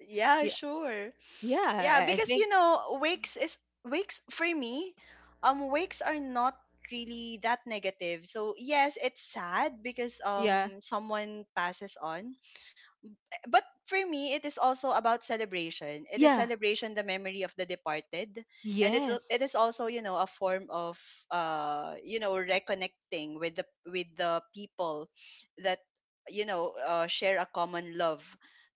yeah, sure. Yeah, Yeah, I I because think. you know, wakes is wakes for me, um wakes are not really that negative. So yes, it's sad because Yeah. um someone passes on, but for me, it is also about celebration. It is Yeah. celebration the memory of the departed, and it it Yes. is also, you know, a form of uh you know reconnecting with the with the people that you know, uh, share a common love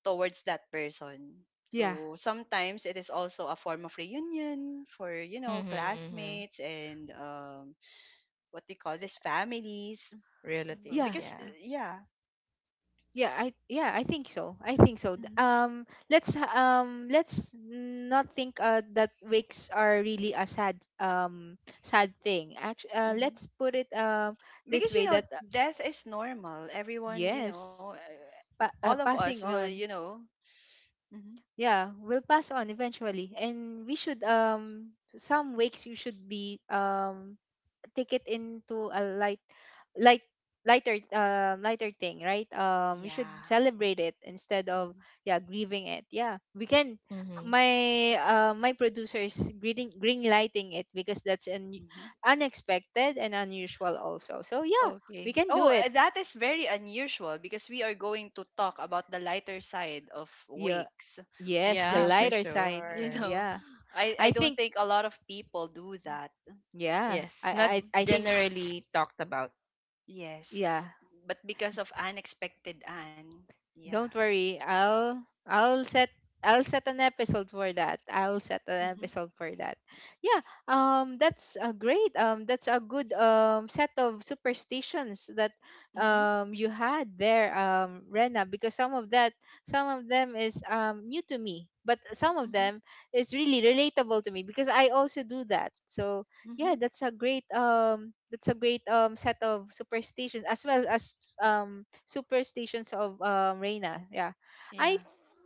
towards that person. Yeah. So sometimes it is also a form of reunion for, you know, Mhm. Mhm. classmates and um, what they call this families Relatives. Yeah. because uh, Yeah. yeah. Yeah, I — yeah, I think so. I think so. D- Hmm. Um let's ha- um let's not think uh that wakes are really a sad um sad thing. Actually, uh, let's put it um this Because you way, know that uh, death is normal, everyone, you yes, know, uh, pa- all uh, of us passing will, you on. know, hmm, Yeah, we'll pass on eventually, and we should um some wakes you should be um take it into a light — light — lighter um lighter thing, right? Um we should yeah, celebrate it instead of hmm, yeah grieving it. Yeah, we can. Mhm. My uh my producer is green — green lighting it because that's an hmm, unexpected and unusual also. So yeah, we okay. can do Oh, it. uh, that is very unusual because we are going to talk about the lighter side of Yeah. wakes Yes, the Yeah, which for lighter is side. you sure. know Yeah, i i I don't think. think a lot of people do that. Yeah, Yes. Not i Hmm. i, I think. generally talked about. Yes, Yeah. but because of unexpected and yeah. Don't worry. I'll I'll set — I'll set an episode for that. I'll set an Hmm. episode for that. Yeah. Um that's a great um that's a good um set of superstitions that Hmm. um you had there, um Rena, because some of that — some of them is um new to me, but some of Hmm. them is really relatable to me because I also do that. So yeah, Hmm. that's a great um that's a great um set of superstitions as well as um superstitions of um Reina. Yeah. Yeah. I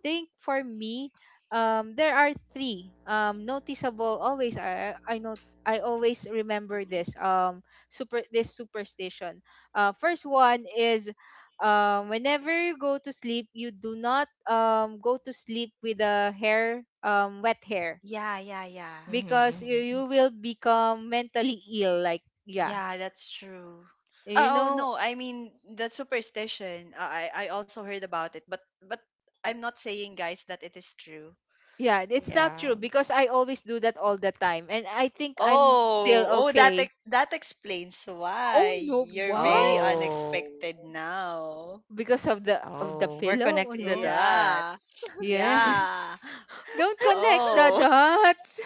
think for me, um there are three um noticeable. Always I I know, I always remember Hmm. this um super — this superstition. Uh first one is, um whenever you go to sleep, you do not um go to sleep with a hair — um wet hair, Yeah, yeah, yeah. Mhm. because you — Mhm. you will become mentally ill, like, yeah, Yeah, that's true. you Oh, oh, know. no, I mean the superstition. uh, I I also heard about it, but but I'm not saying, guys, that it is true. Yeah, it's Yeah. not Yeah. true, because I always do that all the time, and I think I'm still Oh, oh that okay. ex- that explains Oh why no, you're very why? Oh. unexpected now. Because of the — of the Oh. We're pillow? Oh connecting the no. Yeah. dots. Yeah. Yeah. Don't connect the Oh. dots.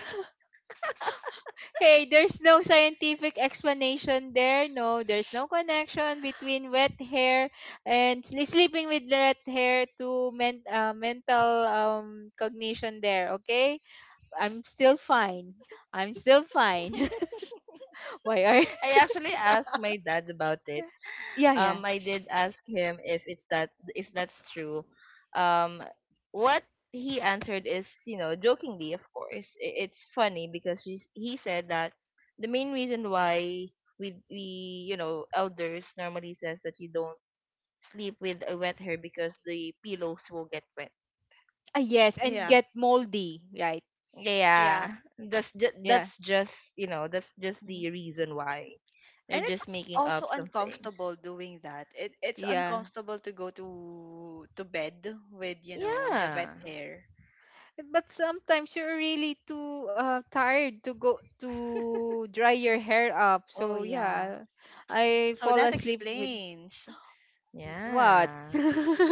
Hey, there's no scientific explanation there. No, there's no connection between wet hair and sli- sleeping with wet hair to men- uh, mental um cognition there. Okay. I'm still fine. I'm still fine. Why are — I actually asked my dad about it yeah, yeah. um I did ask him if it's that if that's true. Um what he answered is, you know, jokingly, of course. i- It's funny because she's, he said that the main reason why we we you know elders normally says that you don't sleep with a wet hair, because the pillows will get wet. Ah, yes, Yeah. and get moldy, right? Yeah. Yeah, that's just Yeah. that's just you know that's just Mhm. the reason why they're And it's just making also up some things. uncomfortable doing that. It it's Yeah. uncomfortable to go to to bed with, you know, wet Yeah, hair. But sometimes you're really too uh, tired to go — to dry your hair up. Oh So yeah. yeah, I So fall that asleep with — explains. what? yeah,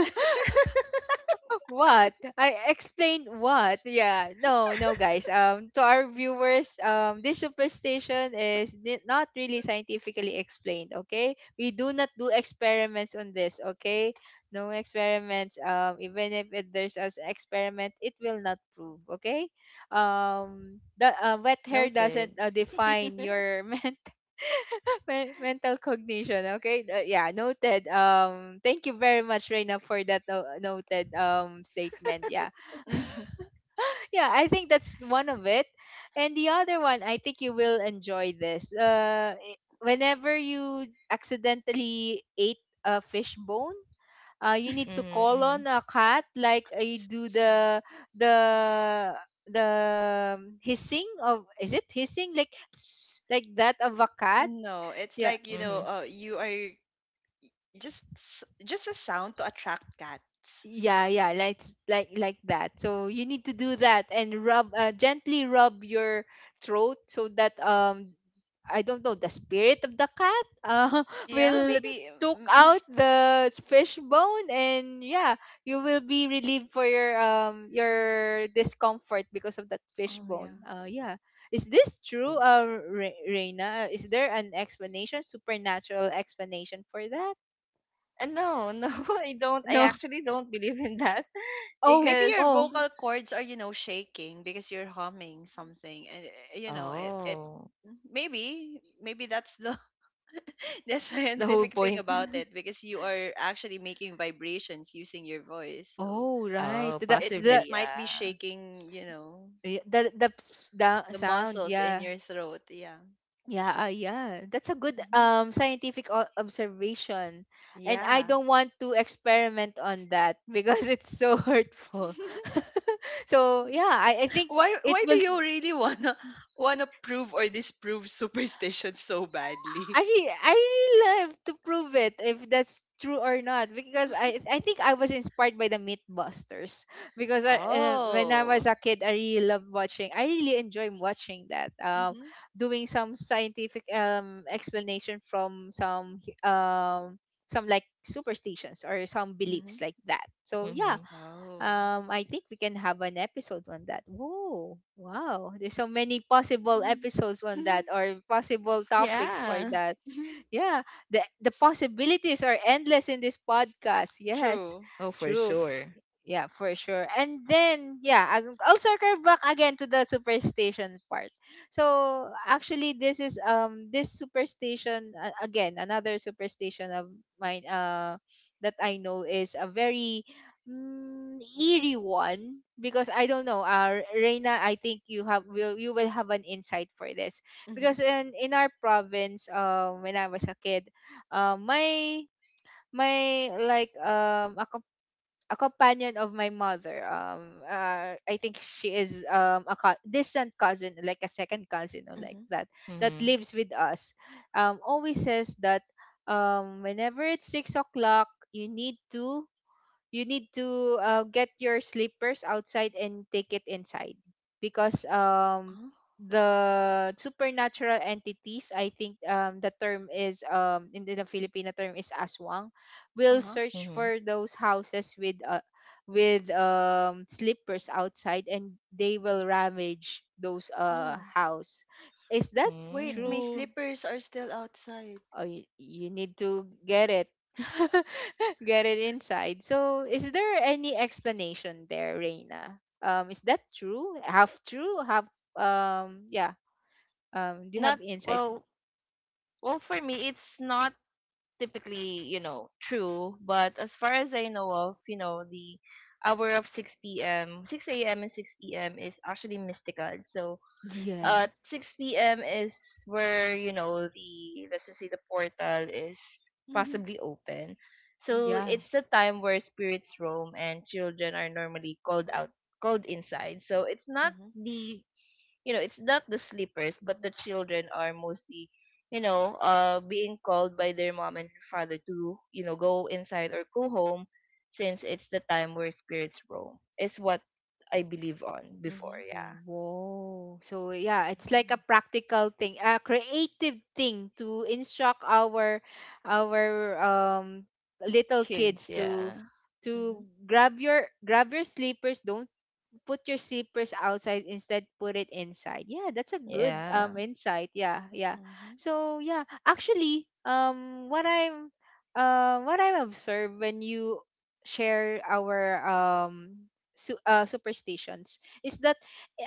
What? I explained what? Yeah. No, no, guys. Um, to our viewers, um, this superstition is ni- not really scientifically explained. Okay, we do not do experiments on this. Okay, no experiments. Um, even if it, there's an experiment, it will not prove. Okay. Um, the uh, wet hair noted. doesn't uh, define your men — Men- mental cognition. Okay. Uh, yeah. Noted. Um. Thank you very much, Reina, for that no- noted um statement. Yeah. Mhm. Yeah. I think that's one of it, and the other one — I think you will enjoy this. Uh. i- Whenever you accidentally ate a fish bone, Uh, you need to call on Mm-hmm, a cat, like uh, you do S- the — the — the um, hissing of — is it hissing, like like that of a cat? No, it's Yeah, like, you know, mm-hmm. uh, you are just s- just a sound to attract cats. yeah, Yeah. yeah, like s- like like that. So you need to do that and rub uh, gently rub your throat so that um I don't know, the spirit of the cat, uh, Yeah, will maybe took mm, out the fish bone, and yeah, you will be relieved for your um your discomfort because of that fish Oh bone. yeah. Uh yeah. Is this true, uh Re- reina? Uh, is there an explanation, supernatural explanation for that? And no, no, I don't. I No. actually don't believe in that Oh, Maybe because, your oh. vocal cords are, you know, shaking because you're humming something and uh, you know, it it oh, maybe maybe that's the the the whole scientific thing point. about it because you are actually making vibrations using your voice. So Oh, right. Oh, The — it it the possibly, might yeah. be shaking, you know, y- the the, ps- the the sound. muscles in Yeah. your throat, yeah. Yeah, uh, yeah. That's a good Hmm. um scientific o- observation. And I Yeah. don't want to experiment on that, because it's so hurtful. so, yeah, I, I think Why it why do will. you really wanna wanna prove or disprove superstition so I badly? re- I really love to prove it if that's true or not, because I I think I was inspired by the Mythbusters. Because I, uh, when I was Oh. a kid, I really loved watching, I really enjoy watching that, um Mm-hmm. doing some scientific um explanation from some hu- um some like superstitions or some Mm-hmm. beliefs like that, so yeah. Mm-hmm. Oh. um I think we can have an episode on that. Whoa, wow, there's so many possible Mm. episodes on that, or possible topics for Yeah. that. Yeah, the the possibilities are endless in this podcast. Yes, True. Oh, for true. sure. Yeah, for sure. And then, yeah, I'll I'll circle back again to the superstition part. So, actually, this is um this superstition, uh, again, another superstition of mine, uh that I know is a very, mm, eerie one, because I don't know. Uh, Reina, I think you have, will you, will have an insight for this, Mm-hmm. because in in our province, um, when I was a kid, uh, my, my like um a companion of my mother. Um, uh, I think she is, um a co- distant cousin, like a second cousin or like Mm-hmm. that, that Mm-hmm. lives with us. Um, always says that, um whenever it's six o'clock, you need to, you need to, uh, get your slippers outside and take it inside, because um Uh-huh. the supernatural entities, I think, um the term is, um in the Filipino term, is aswang, will Uh-huh. search Mm-hmm. for those houses with, uh, with um slippers outside, and they will ravage those uh Oh. house. Is that Wait, Mm. my true? slippers are still outside. Oh, you, you need to get it. Get it inside. So is there any explanation there, Reina? Um is that true, half true, half, um yeah, um do you Not have insights? well. Well, for me, it's not typically, you know, true. But as far as I know of, you know, the hour of six p m, six a m and six p m is actually mystical. So Yeah, uh six p m is where, you know, the let's just say the portal is Mhm, possibly open. mhm, So yeah. it's the time where spirits roam and children are normally called out called inside. So it's not mhm, the, you know, it's not the sleepers, but the children are mostly, you know, uh being called by their mom and father to, you know, go inside or go home, since it's the time where spirits roam. Is what I believe on before, mhm, yeah. Whoa. So yeah, it's like a mhm, practical thing, a creative thing to instruct our our um little kids Kids, to yeah. to mhm, grab your, grab your sleepers, don't put your slippers outside, instead put it inside. Yeah, that's a good Yeah. um insight. Yeah, yeah. mhm, So yeah, actually, um what I'm, uh what I've observed when you share our, um su- uh, superstitions, is that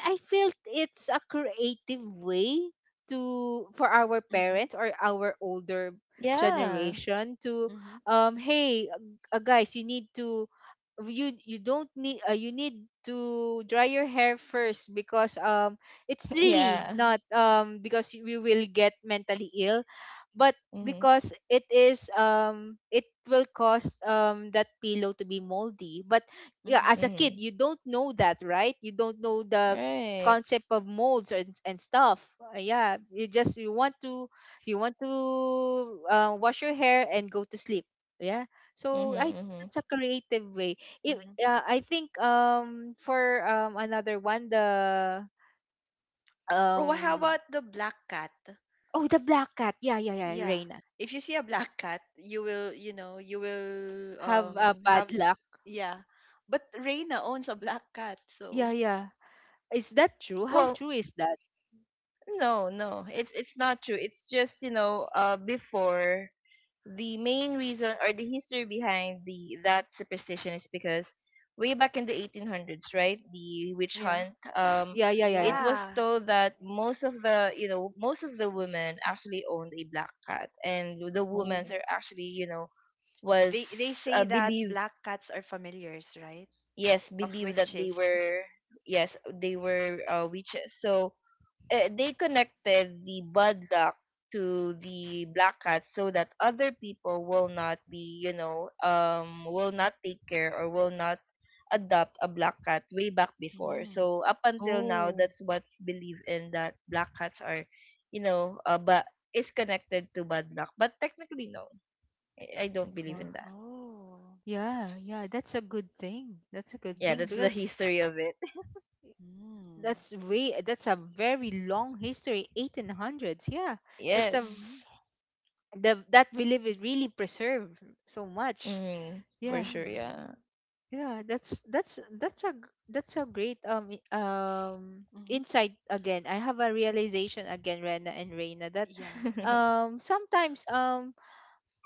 I feel it's a creative way to, for our mhm, parents or our older Yeah. generation to, mhm, um hey, uh, guys, you need to, you you don't need, uh, you need to dry your hair first, because um it's really Yeah. not, um because we will get mentally ill, but Mhm. because it is, um it will cause um that pillow to be moldy. But yeah, mhm, as a kid, Mhm. you don't know that, right? You don't know the Right. concept of molds and, and stuff. Uh, yeah, you just, you want to, you want to, uh, wash your hair and go to sleep. Yeah. Mhm. So I think Mhm. that's a creative way. It, mhm. uh, I think, um for um another one, the Or how um about the black cat? oh, the black cat. Yeah, yeah, yeah, Yeah. Reina. If you see a black cat, you will, you know, you will Have a um bad have luck. yeah. But Reina owns a black cat, Yeah, so yeah. Is that true? How Well, true is that? no, no. It's it's not true. It's just, you know, uh before, the main reason, or the history behind the that superstition, is because way back in the eighteen hundreds, right? The witch yeah. hunt, um Yeah, yeah, yeah, yeah. it was Yeah. told that most of the, you know, most of the women actually owned a black cat, and the Oh. women Mhm. are actually, you know, was, They they uh, say that believed, black cats are familiars, right? yes, Of believed that they witches. were, yes, they were, uh, witches. So, uh, they connected the bad luck to the black cat, so that other people will not be, you know um will not take care, or will not adopt a black cat way back before. Mm. So up until now, Oh, that's what's believed in, that black cats are, you know uh, but is connected to bad luck, but technically no. I I don't believe wow. in that. Oh. Yeah, yeah, that's a good thing. That's a good Yeah, thing, that's the Mm. because history of it. Mm. that's way, that's a very long history. eighteen hundreds. Yeah. That's Yes. a, Mm. the, that we live, it really preserve so much. Mm, for Yeah. sure, Mm. yeah. Yeah, that's that's that's a g- that's a great, um i- um Mhm. insight again. I have a realization again, Rena and Reina, that Yeah. um sometimes, um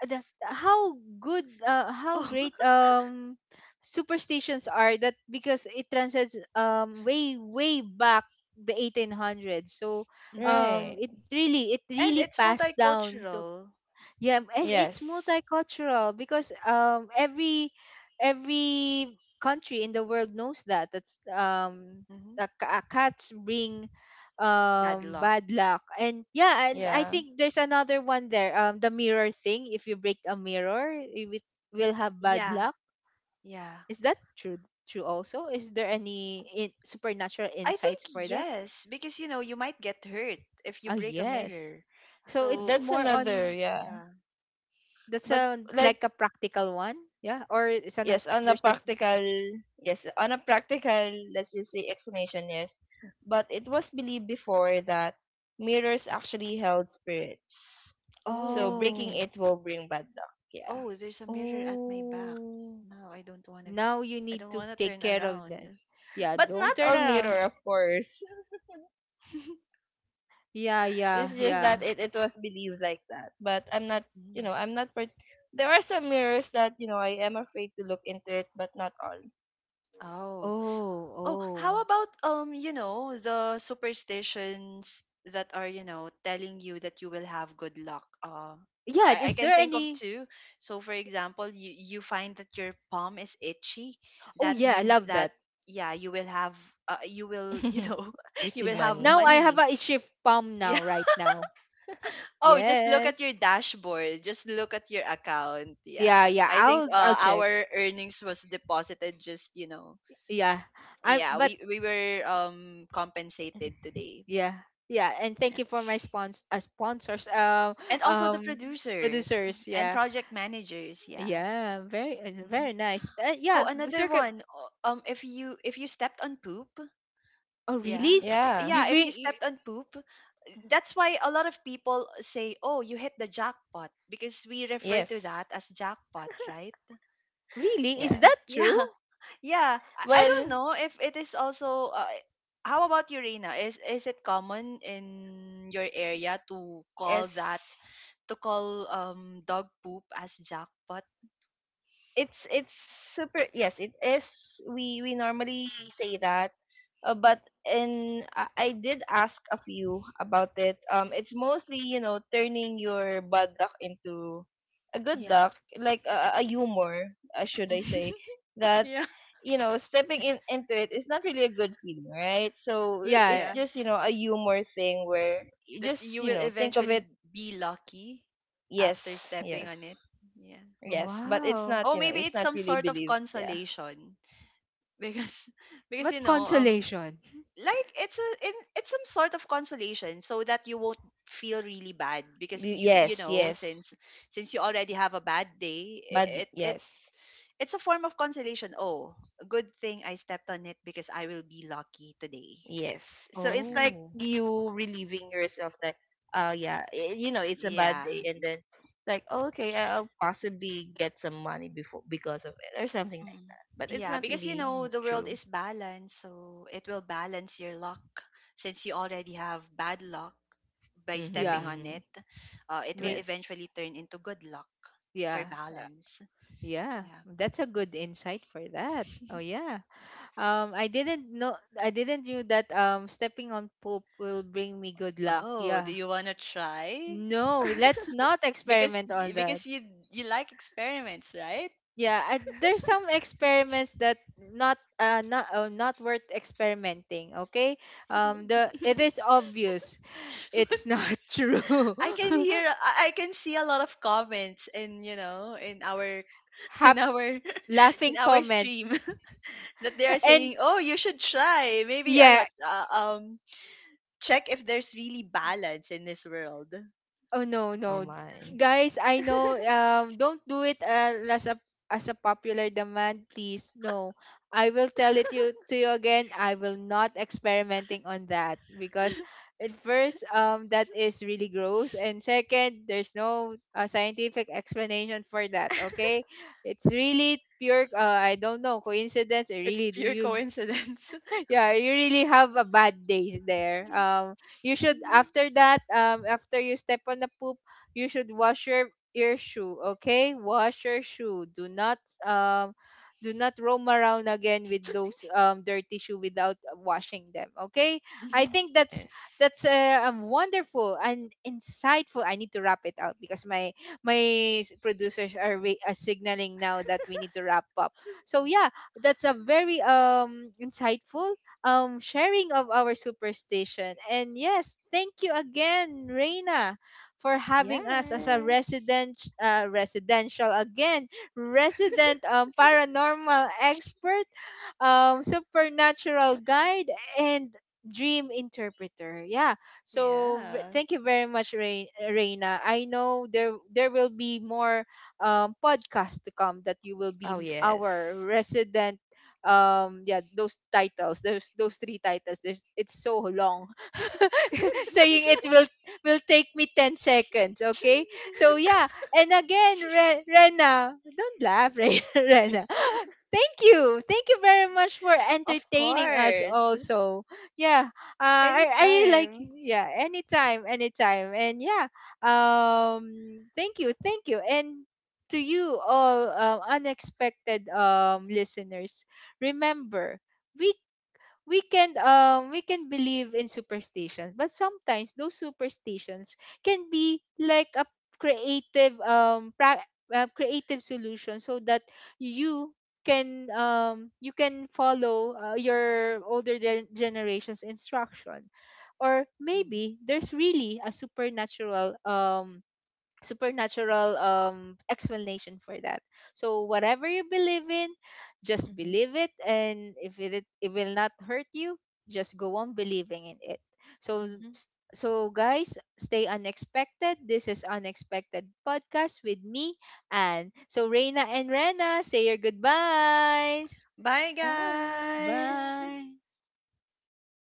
the, how good, uh, how Oh. great um superstitions are, that because it transcends, um way way back, the eighteen hundreds. So Mhm. um Right. it really, it really And it's passed down to. multicultural. Yeah, and it's Yes. multicultural, because um every every country in the world knows that. That's, um Mhm. uh, ca- uh, cats bring Bad um luck. bad luck. And yeah, and I Yeah. think there's another one there. Um the mirror thing, if you break a mirror, you, wi- will have bad Yeah. luck. Yeah. Is that true, true also? Is there any in- supernatural I insights think for that? yes, because you know, you might get hurt if you Ah, break a yes. mirror. So it's So, That's more another, on. yeah. yeah. That's But a like, like a practical one, yeah? Or it's an. yes, on a There's a. practical, yes, on a practical, let's just say, explanation, yes. But it was believed before that mirrors actually held spirits. So Oh. breaking Oh. it will bring bad luck, yeah. Oh, there's a mirror at my back. Oh, No, I don't want to now you I need don't to want to take turn care of around. them. Yeah, But don't not turn all mirror, around. of course. Yeah, It's yeah, just yeah. that it, it was believed like that. But I'm not, you Mm. know, I'm not part. There are some mirrors that, you know, I am afraid to look into it, but not all. Oh, Oh. Oh, how oh. about um, you know, the superstitions that are, you know, telling you that you will have good luck. Uh, Yeah, I, I is can there think of any? two. So, for example, you you find that your palm is itchy. Oh That yeah, I means love that that. yeah, you will have uh, you will you know you Receive will have money. Now I have money. a shift palm now Yeah. right now. Oh, just look at Yes. your dashboard. Just look at your account. Yeah, Yeah. yeah. I think I'll I'll uh, check. our earnings was deposited just you know, Yeah. I'm yeah, but we we were um compensated today. yeah. Yeah, and thank Yeah. you for my spons uh, sponsors, um And also the um producers producers. and Yeah. project managers, yeah. Yeah, very, uh, Mhm. very nice. Uh, oh, Yeah, we. another one. O- um if you if you stepped on poop, Oh, yeah. really? I- Yeah. You Yeah, if bring you you- stepped on poop, that's why a lot of people say, oh, you hit the jackpot, because we refer Yes. to that as jackpot, right? Really? Yeah. Is that true? Yeah. Yeah, i, I don't Well, know if it is also uh, how about you, Reina? is is it common in your area to call yes. that, to call um dog poop as jackpot. it's it's super, yes, it is. we we normally say that, uh, but in, I, I did ask a few about it. Um it's mostly, you know, turning your bad luck into a good Yeah. luck, like a, a humor, uh, should I say, that, Yeah. you know, stepping in into it is not really a good feeling, right? So, uh, it's Yeah. Yeah. just, you know, a S- humor thing, where you That just, you you will know, think of eventually it. be lucky after Yes, stepping yes. on it. Yeah. Yes, but it's Wow. not, Oh, you know, maybe it's it's not some really sort of believed, yeah. consolation because because you What know, um consolation. like it's a in, it's some sort of consolation so that you won't feel really bad because Y- you you Yes, know yes. since since you already have a bad day i- Mad, it it. yes. It's a form of consolation. Oh, good thing I stepped on it because I will be lucky today. Yes. So it's Yeah. like Oh. you relieving yourself that, uh yeah, y- you know, it's a Yeah. bad day, and then like, oh, okay, I- I'll possibly get some money before because of it, or something like Mm. that. But it's Yeah, not because you really know the world true. is balanced, so it will balance your luck since you already have bad luck by Mhm. Yeah. stepping on Mhm. it. Uh, it will May Yes. eventually turn into good luck for yeah. uh, balance. Yeah. Yeah. That's a good insight for that. Oh yeah. Um I didn't know, I didn't knew that, um stepping on poop will bring me good luck. Oh, do Yeah. you want to try? No, let's not Because experiment y- on that. because you you like experiments, right? Yeah, I, there's some experiments that not uh not uh, not worth experimenting. Okay, um, the, it is obvious it's not true. I can hear I I can see a lot of comments in, you know, in our in Hap-. our in Laughing our comments. stream that they are And saying, oh, you should try, maybe I yeah. don't uh, um check if there's really balance in this world. Oh no, Oh no. my. Guys, I know, um don't do it, uh, as a, as a popular demand, please. No. I will tell it you to you again. I will not experimenting on that, because at first, um that is really gross, and second, there's no, uh, scientific explanation for that, okay? It's really pure, uh, I don't know, coincidence or It's really, do pure you. coincidence. Yeah, you really have a bad days there. Um, you should after that, um, after you step on the poop, you should wash your your shoe. Okay, wash your shoe. Do not, um, do not roam around again with those um dirty shoe without washing them. Okay, I think that's Yes. that's uh, um, wonderful and insightful. I need to wrap it out, because my my s- producers are, re- are signaling now that we need to wrap up. So yeah, that's a very um insightful, um, sharing of our superstition. And yes, thank you again, Reina, for having us as a Yes. resident, uh, residential again, resident, um, paranormal expert, um, supernatural guide, and dream interpreter. Yeah. So re- Yeah. thank you very much, Re- Reina. I know there there will be more, um, podcasts to come that you will Oh be yes. our resident, um yeah, those titles, there's those three titles, there's, it's so long saying it will will take me ten seconds, okay? So yeah, and again, Re- Rena, don't laugh. Re- Rena, thank you thank you very much for Of entertaining us course. also. Yeah. Uh, I, I really like. Anytime. Yeah, anytime, anytime. And yeah, um thank you thank you and to you all, um, unexpected, um listeners, remember, we we can, um we can believe in superstitions, but sometimes those superstitions can be like a creative, um pra- uh, creative solution, so that you can, um you can follow, uh, your older gen- generation's instruction, or Mhm, maybe there's really a supernatural, um supernatural um explanation for that. So whatever you believe in, just mhm, believe it, and if it, it will not hurt you, just go on believing in it. So, mhm. so guys, stay unexpected. This is Unexpected Podcast with me, and so Reina and Rena, say your goodbyes. Bye, guys. Bye. Bye.